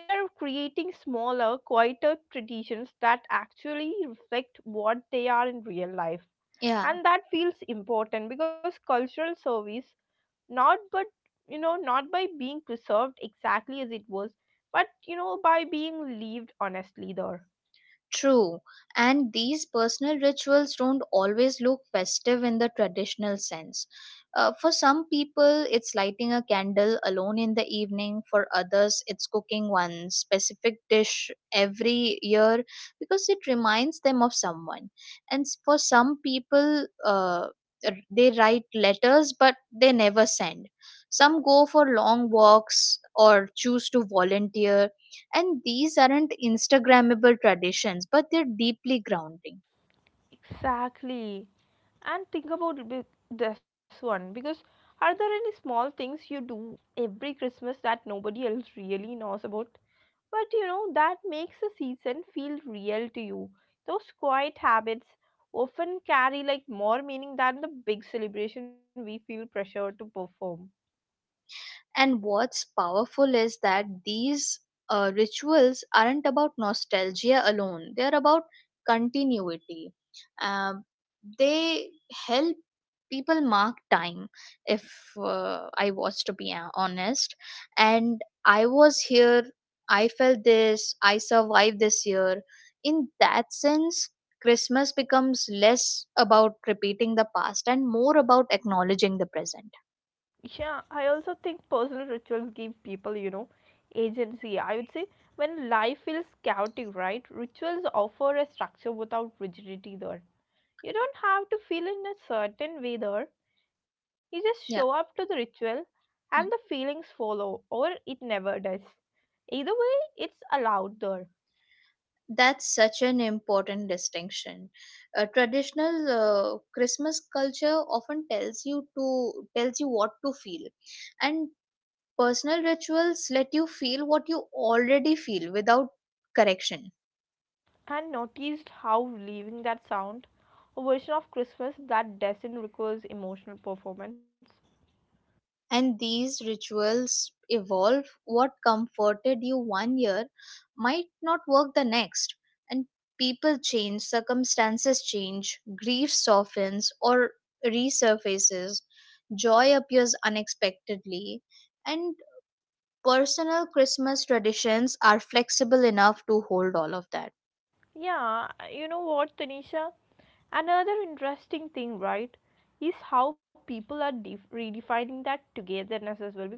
Speaker 1: they're creating smaller, quieter traditions that actually reflect what they are in real life.
Speaker 2: yeah.
Speaker 1: And that feels important because cultural service, not but you know, not by being preserved exactly as it was, but you know, by being lived honestly there.
Speaker 2: True, and these personal rituals don't always look festive in the traditional sense. Uh, for some people, it's lighting a candle alone in the evening. For others, it's cooking one specific dish every year because it reminds them of someone. And s- for some people, uh, r- they write letters but they never send. Some go for long walks or choose to volunteer, and these aren't Instagrammable traditions, but they're deeply grounding.
Speaker 1: Exactly. And think about this one because are there any small things you do every Christmas that nobody else really knows about? But you know, that makes the season feel real to you. Those quiet habits often carry like more meaning than the big celebration we feel pressure to perform.
Speaker 2: And what's powerful is that these uh, rituals aren't about nostalgia alone, they're about continuity. Um, they help people mark time. If uh, i was to be uh, honest, and I was here, I felt this, I survived this year. In that sense, Christmas becomes less about repeating the past and more about acknowledging the present.
Speaker 1: Yeah, I also think personal rituals give people, you know, agency. I would say when life feels chaotic, right? Rituals offer a structure without rigidity there. You don't have to feel in a certain way there. You just show up to
Speaker 2: Yeah.
Speaker 1: the ritual and the
Speaker 2: Mm.
Speaker 1: feelings follow, or it never does. Either way, it's allowed there.
Speaker 2: That's such an important distinction. Uh, traditional uh, Christmas culture often tells you to tells you what to feel, and personal rituals let you feel what you already feel without correction.
Speaker 1: And noticed how leaving that sound, a version of Christmas that doesn't require emotional performance.
Speaker 2: And these rituals evolve. What comforted you one year might not work the next. And people change, circumstances change, grief softens or resurfaces, joy appears unexpectedly, and personal Christmas traditions are flexible enough to hold all of that.
Speaker 1: Yeah, you know what, Tanisha? Another interesting thing, right, is how people are def- redefining that togetherness as well. Because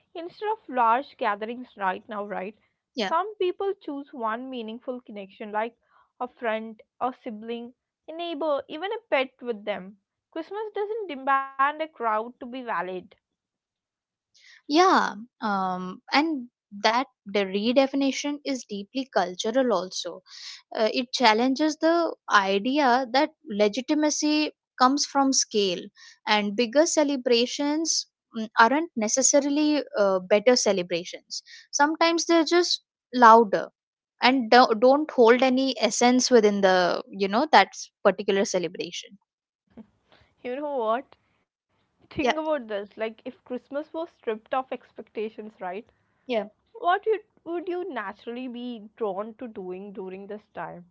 Speaker 1: instead of large gatherings right now, right,
Speaker 2: Yeah.
Speaker 1: some people choose one meaningful connection, like a friend, a sibling, a neighbor, even a pet with them. Christmas doesn't demand a crowd to be valid.
Speaker 2: Yeah, um, and that the redefinition is deeply cultural also. Uh, it challenges the idea that legitimacy comes from scale, and bigger celebrations, mm, aren't necessarily uh, better celebrations. Sometimes they're just louder and do- don't hold any essence within the you know that particular celebration.
Speaker 1: You know what? Think
Speaker 2: Yeah,
Speaker 1: about this. Like, if Christmas was stripped of expectations, right?
Speaker 2: yeah.
Speaker 1: What you, would you naturally be drawn to doing during this time?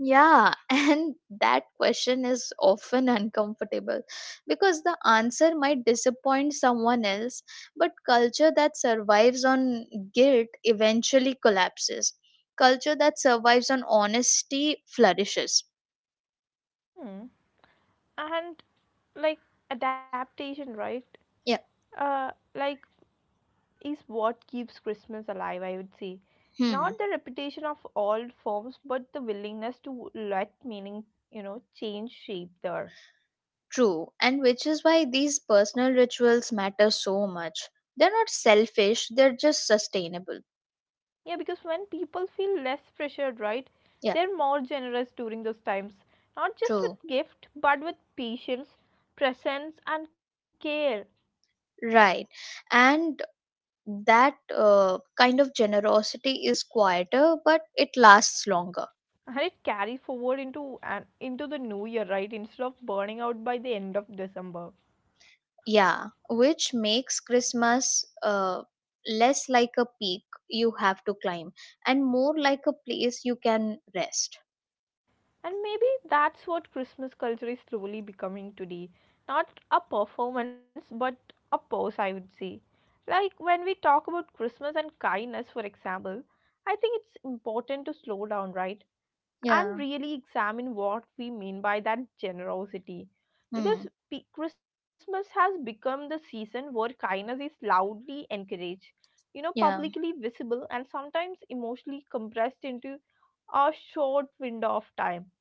Speaker 2: Yeah, and that question is often uncomfortable because the answer might disappoint someone else, but culture that survives on guilt eventually collapses. Culture that survives on honesty flourishes.
Speaker 1: Hmm. And like adaptation, right?
Speaker 2: Yeah,
Speaker 1: Uh, like is what keeps Christmas alive, I would say.
Speaker 2: hmm,
Speaker 1: Not the repetition of old forms, but the willingness to let meaning, you know, change shape there.
Speaker 2: true. And which is why these personal rituals matter so much. They're not selfish, they're just sustainable.
Speaker 1: Yeah, because when people feel less pressured, right,
Speaker 2: Yeah,
Speaker 1: they're more generous during those times. Not just
Speaker 2: true.
Speaker 1: with gift, but with patience, presence, and care.
Speaker 2: Right. And that uh, kind of generosity is quieter but it lasts longer.
Speaker 1: And it carries forward into an into the new year, right? Instead of burning out by the end of December.
Speaker 2: Yeah, which makes Christmas uh, less like a peak you have to climb and more like a place you can rest.
Speaker 1: And maybe that's what Christmas culture is slowly becoming today. Not a performance, but a pose, I would say. Like when we talk about Christmas and kindness, for example, I think it's important to slow down, right? And
Speaker 2: Yeah,
Speaker 1: really examine what we mean by that generosity.
Speaker 2: hmm.
Speaker 1: Because pe- Christmas has become the season where kindness is loudly encouraged, you know,
Speaker 2: Yeah,
Speaker 1: publicly visible and sometimes emotionally compressed into a short window of time.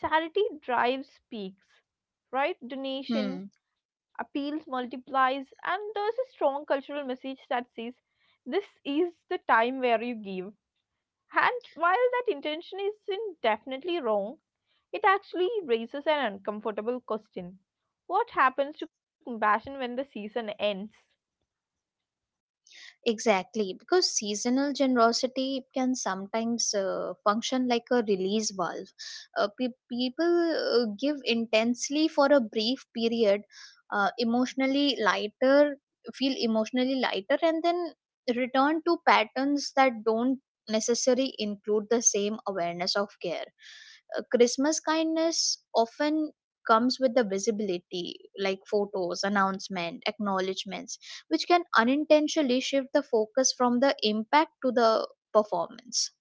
Speaker 1: Charity drives peaks, right? Donations,
Speaker 2: hmm.
Speaker 1: appeals multiplies, and there's a strong cultural message that says this is the time where you give, and while that intention isn't definitely wrong, it actually raises an uncomfortable question. What happens to compassion when the season ends?
Speaker 2: Exactly, because seasonal generosity can sometimes uh, function like a release valve. Uh, pe- people uh, give intensely for a brief period, uh, emotionally lighter, feel emotionally lighter, and then return to patterns that don't necessarily include the same awareness of care. Uh, Christmas kindness often comes with the visibility, like photos, announcement, acknowledgments, which can unintentionally shift the focus from the impact to the performance.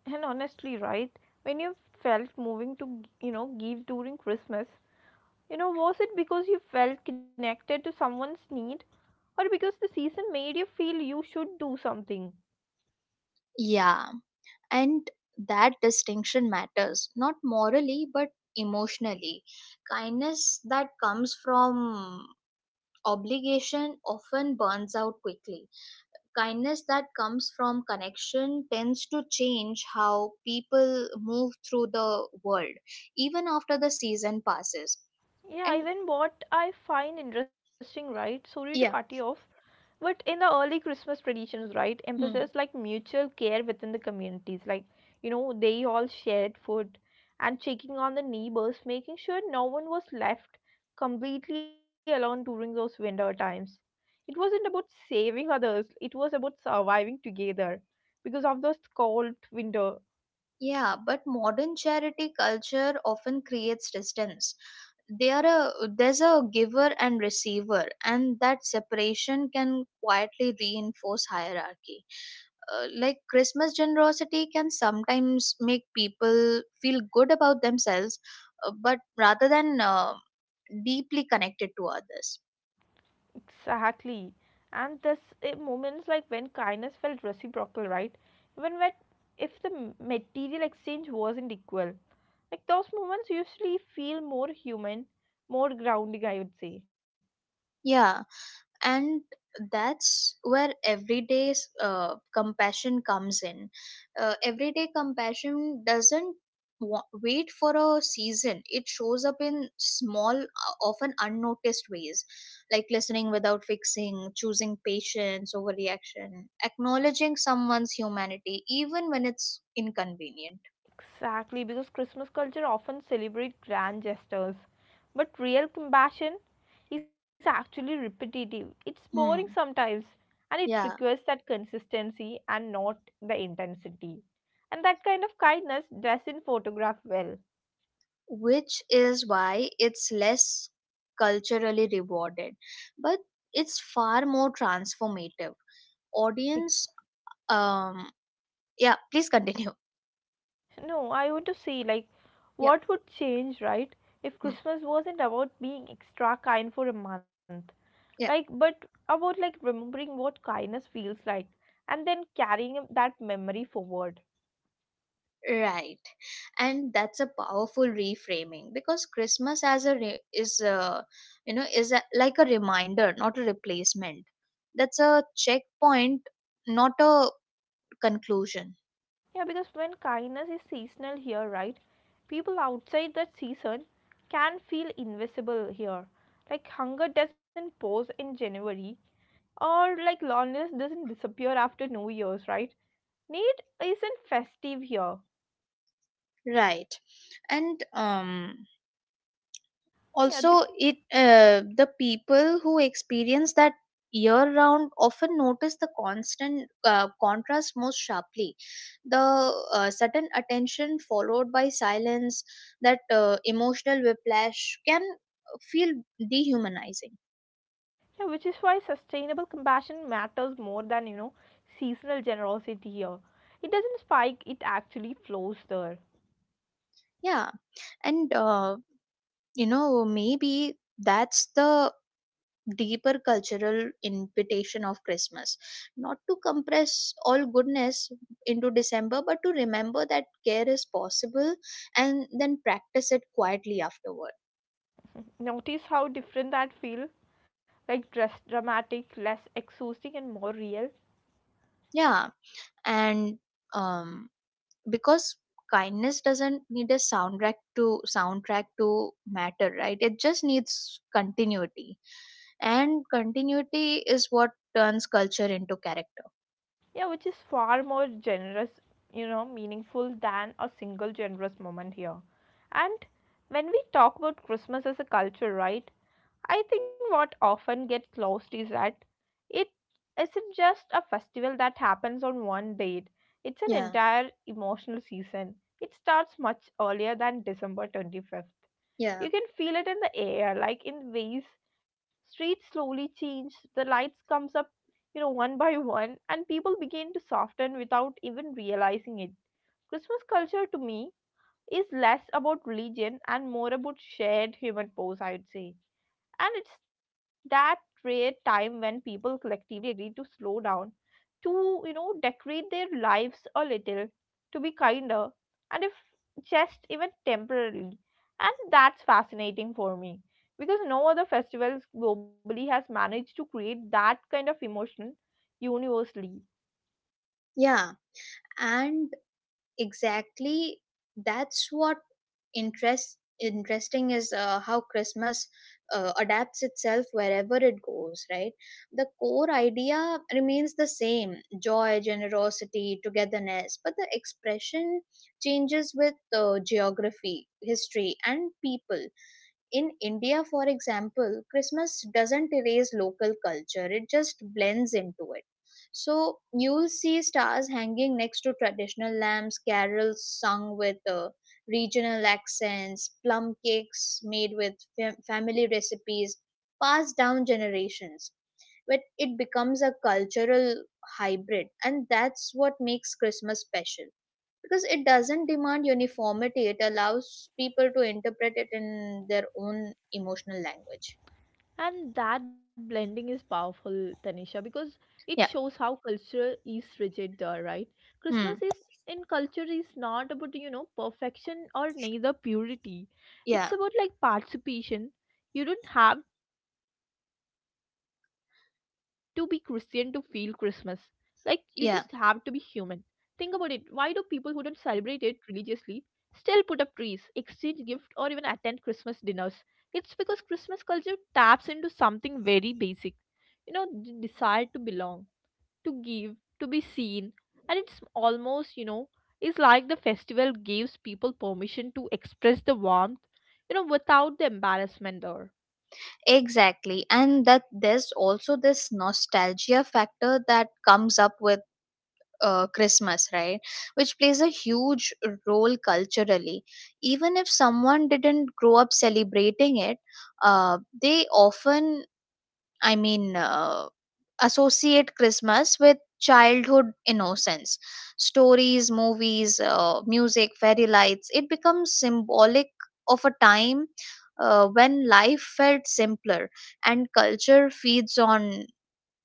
Speaker 1: And honestly, right, when you felt moving to, you know, give during Christmas, you know, was it because you felt connected to someone's need or because the season made you feel you should do something?
Speaker 2: Yeah, and that distinction matters not morally but emotionally. Kindness that comes from obligation often burns out quickly. Kindness that comes from connection tends to change how people move through the world, even after the season passes.
Speaker 1: Yeah,
Speaker 2: And
Speaker 1: even what I find interesting, right? Sorry to cut you
Speaker 2: yeah.
Speaker 1: off. But in the early Christmas traditions, right, emphasis
Speaker 2: Hmm.
Speaker 1: like mutual care within the communities, like you know, they all shared food and checking on the neighbors, making sure no one was left completely alone during those winter times. It wasn't about saving others, it was about surviving together because of those cold winter.
Speaker 2: Yeah, but modern charity culture often creates distance. They are a, there's a giver and receiver, and that separation can quietly reinforce hierarchy. Uh, like Christmas generosity can sometimes make people feel good about themselves, uh, but rather than uh, deeply connected to others.
Speaker 1: Exactly. And this eh, moments like when kindness felt reciprocal, right? Even when if the m- material exchange wasn't equal. Like those moments usually feel more human, more grounding, I would say.
Speaker 2: Yeah. And that's where everyday uh, compassion comes in. Uh, everyday compassion doesn't wa- wait for a season, it shows up in small, uh, often unnoticed ways, like listening without fixing, choosing patience over reaction, acknowledging someone's humanity even when it's inconvenient.
Speaker 1: Exactly, because Christmas culture often celebrates grand gestures, but real compassion is actually repetitive. It's boring
Speaker 2: Hmm.
Speaker 1: sometimes, and it
Speaker 2: Yeah,
Speaker 1: requires that consistency and not the intensity. And that kind of kindness doesn't photograph well.
Speaker 2: which is why it's less culturally rewarded, but it's far more transformative. Audience, um yeah, please continue.
Speaker 1: No, I want to see like
Speaker 2: Yep.
Speaker 1: what would change, right? If
Speaker 2: Mm.
Speaker 1: Christmas wasn't about being extra kind for a month, like
Speaker 2: Yeah,
Speaker 1: but about like remembering what kindness feels like and then carrying that memory forward.
Speaker 2: right, and that's a powerful reframing because Christmas as a re- is a, you know is a, like a reminder not a replacement. That's a checkpoint, not a conclusion.
Speaker 1: Yeah, because when kindness is seasonal here, right? People outside that season can feel invisible here. Like hunger doesn't pause in January or like loneliness doesn't disappear after New Year's, right? Need isn't festive here.
Speaker 2: Right. And um
Speaker 1: Yeah,
Speaker 2: also
Speaker 1: the.
Speaker 2: it, uh, the people who experience that year round often notice the constant uh, contrast most sharply. The uh, sudden attention followed by silence, that uh, emotional whiplash can feel dehumanizing.
Speaker 1: Yeah, which is why sustainable compassion matters more than, you know, seasonal generosity here. It doesn't spike, it actually flows there.
Speaker 2: Yeah, and uh, you know maybe that's the deeper cultural invitation of Christmas. Not to compress all goodness into December, but to remember that care is possible and then practice it quietly afterward.
Speaker 1: Notice how different that feel like dress dramatic, less exhausting and more real.
Speaker 2: Yeah, and um, because kindness doesn't need a soundtrack to soundtrack to matter, right? It just needs continuity, and continuity is what turns culture into character.
Speaker 1: Yeah, which is far more generous, you know, meaningful than a single generous moment here. And when we talk about Christmas as a culture, right? I think what often gets lost is that it isn't just a festival that happens on one date, it's an
Speaker 2: Yeah,
Speaker 1: entire emotional season. It starts much earlier than December twenty-fifth.
Speaker 2: yeah,
Speaker 1: You can feel it in the air, like in waves. Streets slowly change, the lights comes up, you know, one by one, and people begin to soften without even realizing it. Christmas culture to me is less about religion and more about shared human pose, I would say, and it's that rare time when people collectively agree to slow down, to, you know, decorate their lives a little, to be kinder, and if just even temporarily. And that's fascinating for me because no other festivals globally has managed to create that kind of emotion universally.
Speaker 2: yeah, and exactly. That's what interest interesting is, uh, how Christmas uh, adapts itself wherever it goes, right? The core idea remains the same, joy, generosity, togetherness, but the expression changes with uh, geography, history, and people. In India, for example, Christmas doesn't erase local culture, it just blends into it. So you'll see stars hanging next to traditional lamps, carols sung with uh, regional accents, plum cakes made with fam- family recipes passed down generations. But it becomes a cultural hybrid, and that's what makes Christmas special, because it doesn't demand uniformity, it allows people to interpret it in their own emotional language.
Speaker 1: And that blending is powerful, Tanisha, because it
Speaker 2: Yeah,
Speaker 1: shows how culture is rigid there, right? Christmas
Speaker 2: hmm.
Speaker 1: is in culture is not about, you know, perfection or neither purity. It's
Speaker 2: Yeah,
Speaker 1: about like participation. You don't have to be Christian to feel Christmas. Like you just have to be human. Think about it.
Speaker 2: yeah,
Speaker 1: Why do people who don't celebrate it religiously still put up trees, exchange gifts, or even attend Christmas dinners? It's because Christmas culture taps into something very basic. You know, the desire to belong, to give, to be seen. And it's almost, you know, it's like the festival gives people permission to express the warmth, you know, without the embarrassment or.
Speaker 2: exactly. And that there's also this nostalgia factor that comes up with uh, Christmas, right? Which plays a huge role culturally. Even if someone didn't grow up celebrating it, uh, they often, I mean, uh, associate Christmas with childhood innocence. Stories, movies, uh, music, fairy lights, it becomes symbolic of a time uh, when life felt simpler, and culture feeds on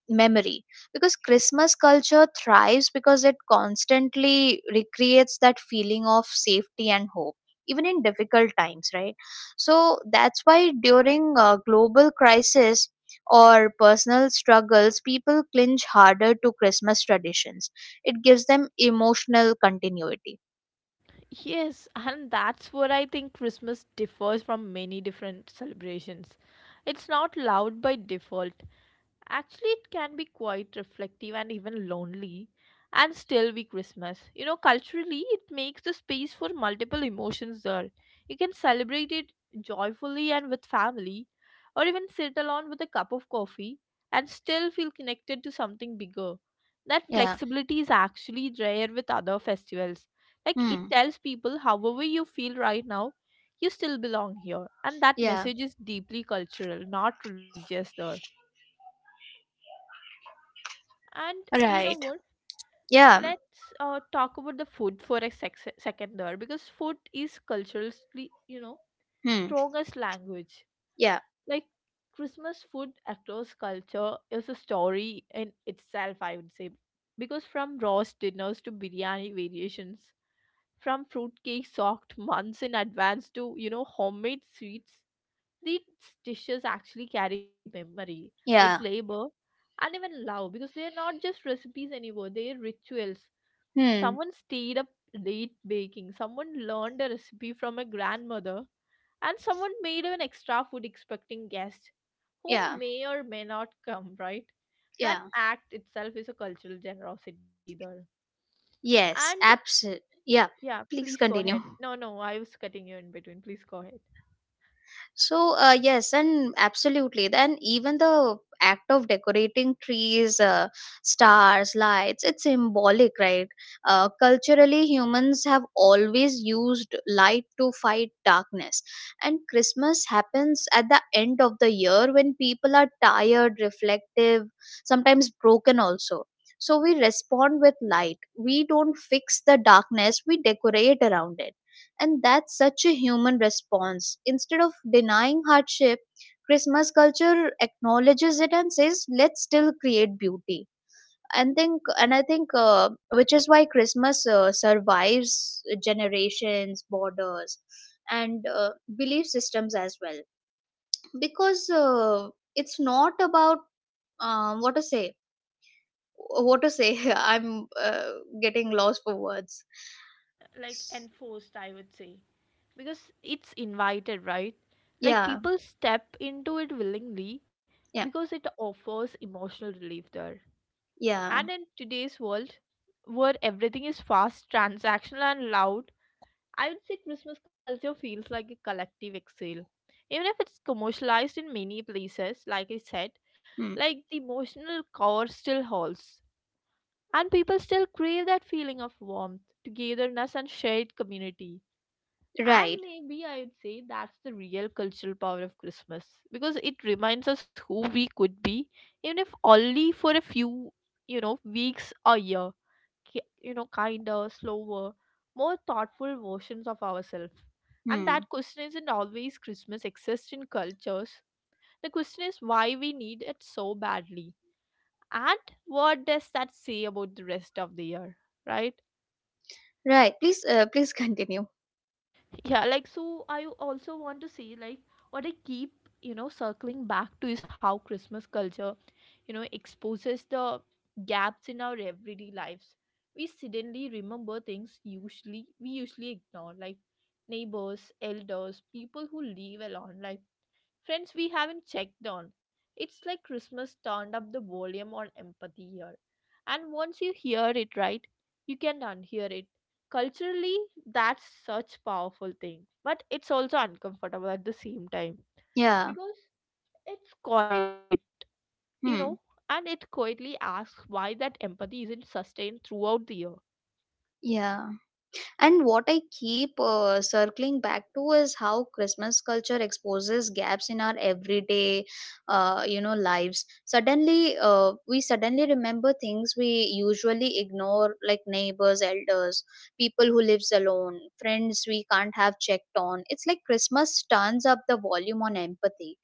Speaker 2: memory. Because Christmas culture thrives because it constantly recreates that feeling of safety and hope even in difficult times, right? So that's why during a global crisis or personal struggles, people clinch harder to Christmas traditions. It gives them emotional continuity.
Speaker 1: Yes, and that's where I think Christmas differs from many different celebrations. It's not loud by default. Actually, it can be quite reflective and even lonely, and still be Christmas. You know, culturally, it makes the space for multiple emotions there. You can celebrate it joyfully and with family, or even sit alone with a cup of coffee and still feel connected to something bigger. That
Speaker 2: Yeah.
Speaker 1: flexibility is actually rare with other festivals. Like, it
Speaker 2: Hmm.
Speaker 1: tells people, however you feel right now, you still belong here. And that
Speaker 2: Yeah,
Speaker 1: message is deeply cultural, not religious there. And you know
Speaker 2: right.
Speaker 1: what?
Speaker 2: Yeah.
Speaker 1: Let's uh, talk about the food for a sec- second there because food is culturally, you know,
Speaker 2: Hmm.
Speaker 1: strongest language.
Speaker 2: Yeah,
Speaker 1: Like Christmas food across culture is a story in itself, I would say. Because from roast dinners to biryani variations, from fruitcake soaked months in advance to, you know, homemade sweets, these dishes actually carry memory, like
Speaker 2: yeah.
Speaker 1: labor and even love, because they are not just recipes anymore, they are rituals.
Speaker 2: Hmm.
Speaker 1: Someone stayed up late baking, someone learned a recipe from a grandmother, and someone made even extra food expecting guests who
Speaker 2: Yeah.
Speaker 1: may or may not come, right? That
Speaker 2: Yeah.
Speaker 1: act itself is a cultural generosity there. And
Speaker 2: Yes, absolutely. Yeah,
Speaker 1: yeah, please
Speaker 2: please
Speaker 1: go ahead.
Speaker 2: continue.
Speaker 1: No, no, I was cutting you in between. Please go ahead.
Speaker 2: So, uh, yes, and absolutely. Then even the act of decorating trees, uh, stars, lights, it's symbolic, right? Uh, culturally, humans have always used light to fight darkness. And Christmas happens at the end of the year when people are tired, reflective, sometimes broken also. So we respond with light. We don't fix the darkness, we decorate around it. And that's such a human response. Instead of denying hardship, Christmas culture acknowledges it and says, let's still create beauty. And think, and I think, uh, which is why Christmas uh, survives generations, borders, and uh, belief systems as well. Because uh, it's not about um, what to say, what to say. I'm uh, getting lost for words.
Speaker 1: Like enforced I would say because it's invited, right? Like
Speaker 2: Yeah,
Speaker 1: people step into it willingly
Speaker 2: yeah,
Speaker 1: because it offers emotional relief there.
Speaker 2: yeah.
Speaker 1: And in today's world, where everything is fast, transactional, and loud, I would say Christmas culture feels like a collective exhale. Even if it's commercialized in many places, like I said,
Speaker 2: Hmm.
Speaker 1: like the emotional core still holds. And people still crave that feeling of warmth, togetherness, and shared community.
Speaker 2: Right.
Speaker 1: And maybe I would say that's the real cultural power of Christmas because it reminds us who we could be, even if only for a few, you know, weeks a year. Ki- You know, kinder, slower, more thoughtful versions of ourselves. And
Speaker 2: Hmm.
Speaker 1: that question isn't always Christmas exists in cultures. The question is why we need it so badly, and what does that say about the rest of the year, right?
Speaker 2: Right. Please, uh, please continue.
Speaker 1: Yeah, like so I also want to say like what I keep you know circling back to is how Christmas culture you know exposes the gaps in our everyday lives. We suddenly remember things usually we usually ignore, like neighbors, elders, people who live alone, like friends we haven't checked on. It's like Christmas turned up the volume on empathy here. And once you hear it right, you can unhear it. Culturally, that's such powerful thing. But it's also uncomfortable at the same time.
Speaker 2: Yeah.
Speaker 1: Because it's quiet, you know,
Speaker 2: Hmm.
Speaker 1: and it quietly asks why that empathy isn't sustained throughout the year.
Speaker 2: Yeah. And what I keep uh, circling back to is how Christmas culture exposes gaps in our everyday, uh, you know, lives. Suddenly, uh, we suddenly remember things we usually ignore, like neighbors, elders, people who lives alone, friends we can't have checked on. It's like Christmas turns up the volume on empathy,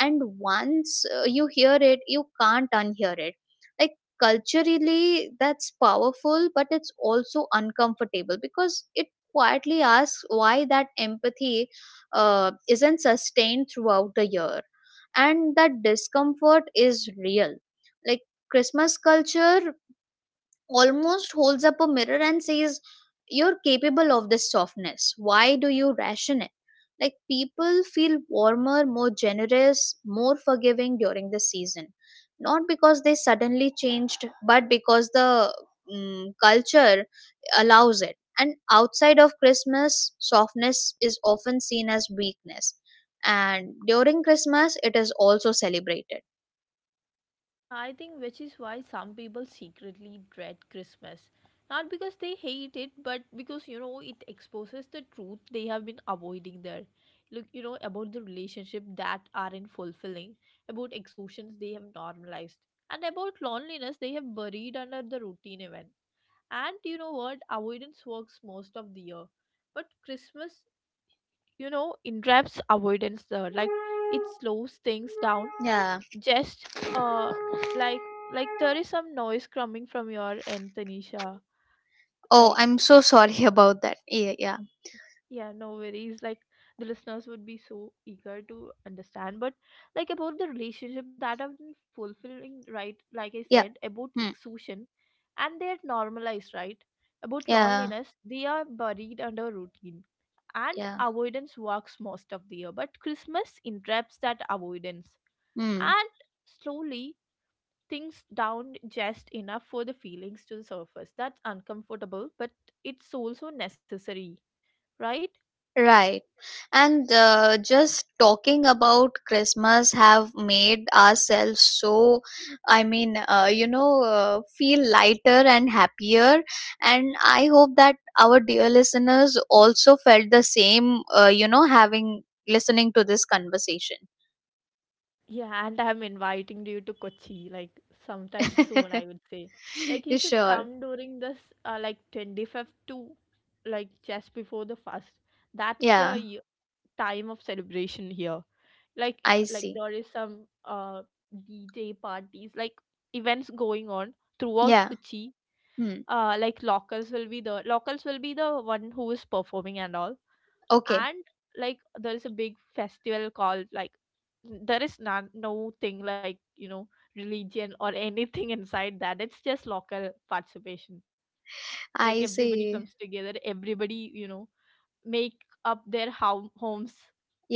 Speaker 2: and once uh, you hear it, you can't unhear it. Like, culturally, that's powerful, but it's also uncomfortable because it quietly asks why that empathy uh, isn't sustained throughout the year. And that discomfort is real. Like, Christmas culture almost holds up a mirror and says, you're capable of this softness. Why do you ration it? Like, people feel warmer, more generous, more forgiving during the season. Not because they suddenly changed, but because the mm, culture allows it. And outside of Christmas, softness is often seen as weakness. And during Christmas, it is also celebrated.
Speaker 1: I think which is why some people secretly dread Christmas. Not because they hate it, but because you know it exposes the truth they have been avoiding there. Look, you know, about the relationship that aren't fulfilling, about exhaustions they have normalized, and about loneliness they have buried under the routine event. And you know what? Avoidance works most of the year. But Christmas, you know, entraps avoidance there. Like it slows things down
Speaker 2: Yeah.
Speaker 1: just uh like like there is some noise coming from your end, Tanisha.
Speaker 2: Oh,
Speaker 1: like
Speaker 2: I'm so sorry about that. Yeah. Yeah.
Speaker 1: yeah, no worries, like the listeners would be so eager to understand, but like about the relationship that have been fulfilling, right? Like I said,
Speaker 2: Yeah.
Speaker 1: about
Speaker 2: Hmm.
Speaker 1: exhaustion and they're normalized, right? About
Speaker 2: Yeah,
Speaker 1: loneliness they are buried under routine, and
Speaker 2: yeah.
Speaker 1: avoidance works most of the year but Christmas interrupts that avoidance,
Speaker 2: Hmm.
Speaker 1: and slowly things down just enough for the feelings to surface. That's uncomfortable, but it's also necessary, right?
Speaker 2: Right. And uh, just talking about Christmas have made ourselves so, I mean, uh, you know, uh, feel lighter and happier. And I hope that our dear listeners also felt the same, uh, you know, having listening to this conversation.
Speaker 1: Yeah, and I'm inviting you to Kochi like sometime soon, I would say. Like you
Speaker 2: You
Speaker 1: should
Speaker 2: sure.
Speaker 1: come during this uh, like twenty-fifth to like just before the first. That's the
Speaker 2: Yeah,
Speaker 1: y- time of celebration here. Like
Speaker 2: I
Speaker 1: like
Speaker 2: see.
Speaker 1: there is some uh D J parties, like events going on throughout
Speaker 2: Yeah.
Speaker 1: Kochi.
Speaker 2: Hmm.
Speaker 1: uh like locals will be the locals will be the one who is performing and all.
Speaker 2: Okay.
Speaker 1: And like there is a big festival called like there is none no thing like you know religion or anything inside that, it's just local participation. Like
Speaker 2: I
Speaker 1: everybody
Speaker 2: see.
Speaker 1: comes together, everybody you know make up their home homes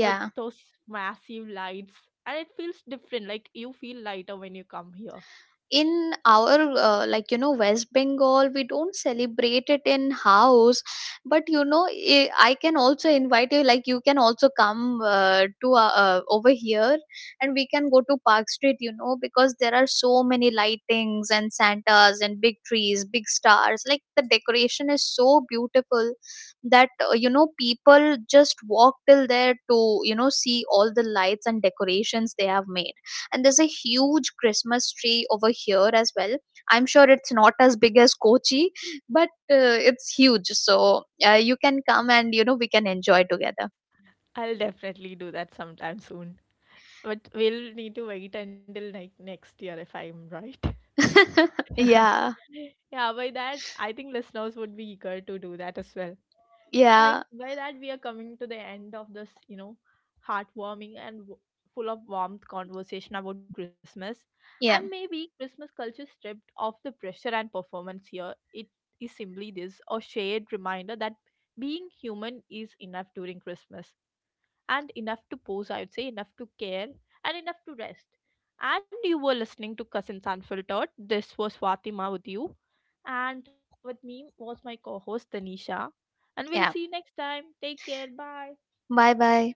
Speaker 1: with those massive lights, and it feels different, like you feel lighter when you come here.
Speaker 2: In our uh, like you know, West Bengal, we don't celebrate it in house, but you know, i I can also invite you. Like, you can also come uh, to uh, uh, over here, and we can go to Park Street, you know, because there are so many lightings and Santas and big trees, big stars. Like, the decoration is so beautiful that uh, you know, people just walk till there to, you know, see all the lights and decorations they have made. And there's a huge Christmas tree over here as well. I'm sure it's not as big as Kochi, but uh, it's huge. So uh, you can come, and you know, we can enjoy together.
Speaker 1: I'll definitely do that sometime soon. But we'll need to wait until like next year if I'm right. Yeah,
Speaker 2: Yeah,
Speaker 1: yeah. By that, I think listeners would be eager to do that as well. Like,
Speaker 2: yeah,
Speaker 1: by that, we are coming to the end of this, you know, heartwarming and w- full of warmth conversation about Christmas. And
Speaker 2: yeah,
Speaker 1: maybe Christmas culture stripped of the pressure and performance here, it is simply this a shared reminder that being human is enough during Christmas and enough to pose, I would say, enough to care, and enough to rest. And you were listening to Cousins Unfiltered. This was Fatima with you. And with me was my co host, Tanisha. And we'll
Speaker 2: yeah.
Speaker 1: see you next time. Take care. Bye.
Speaker 2: Bye bye.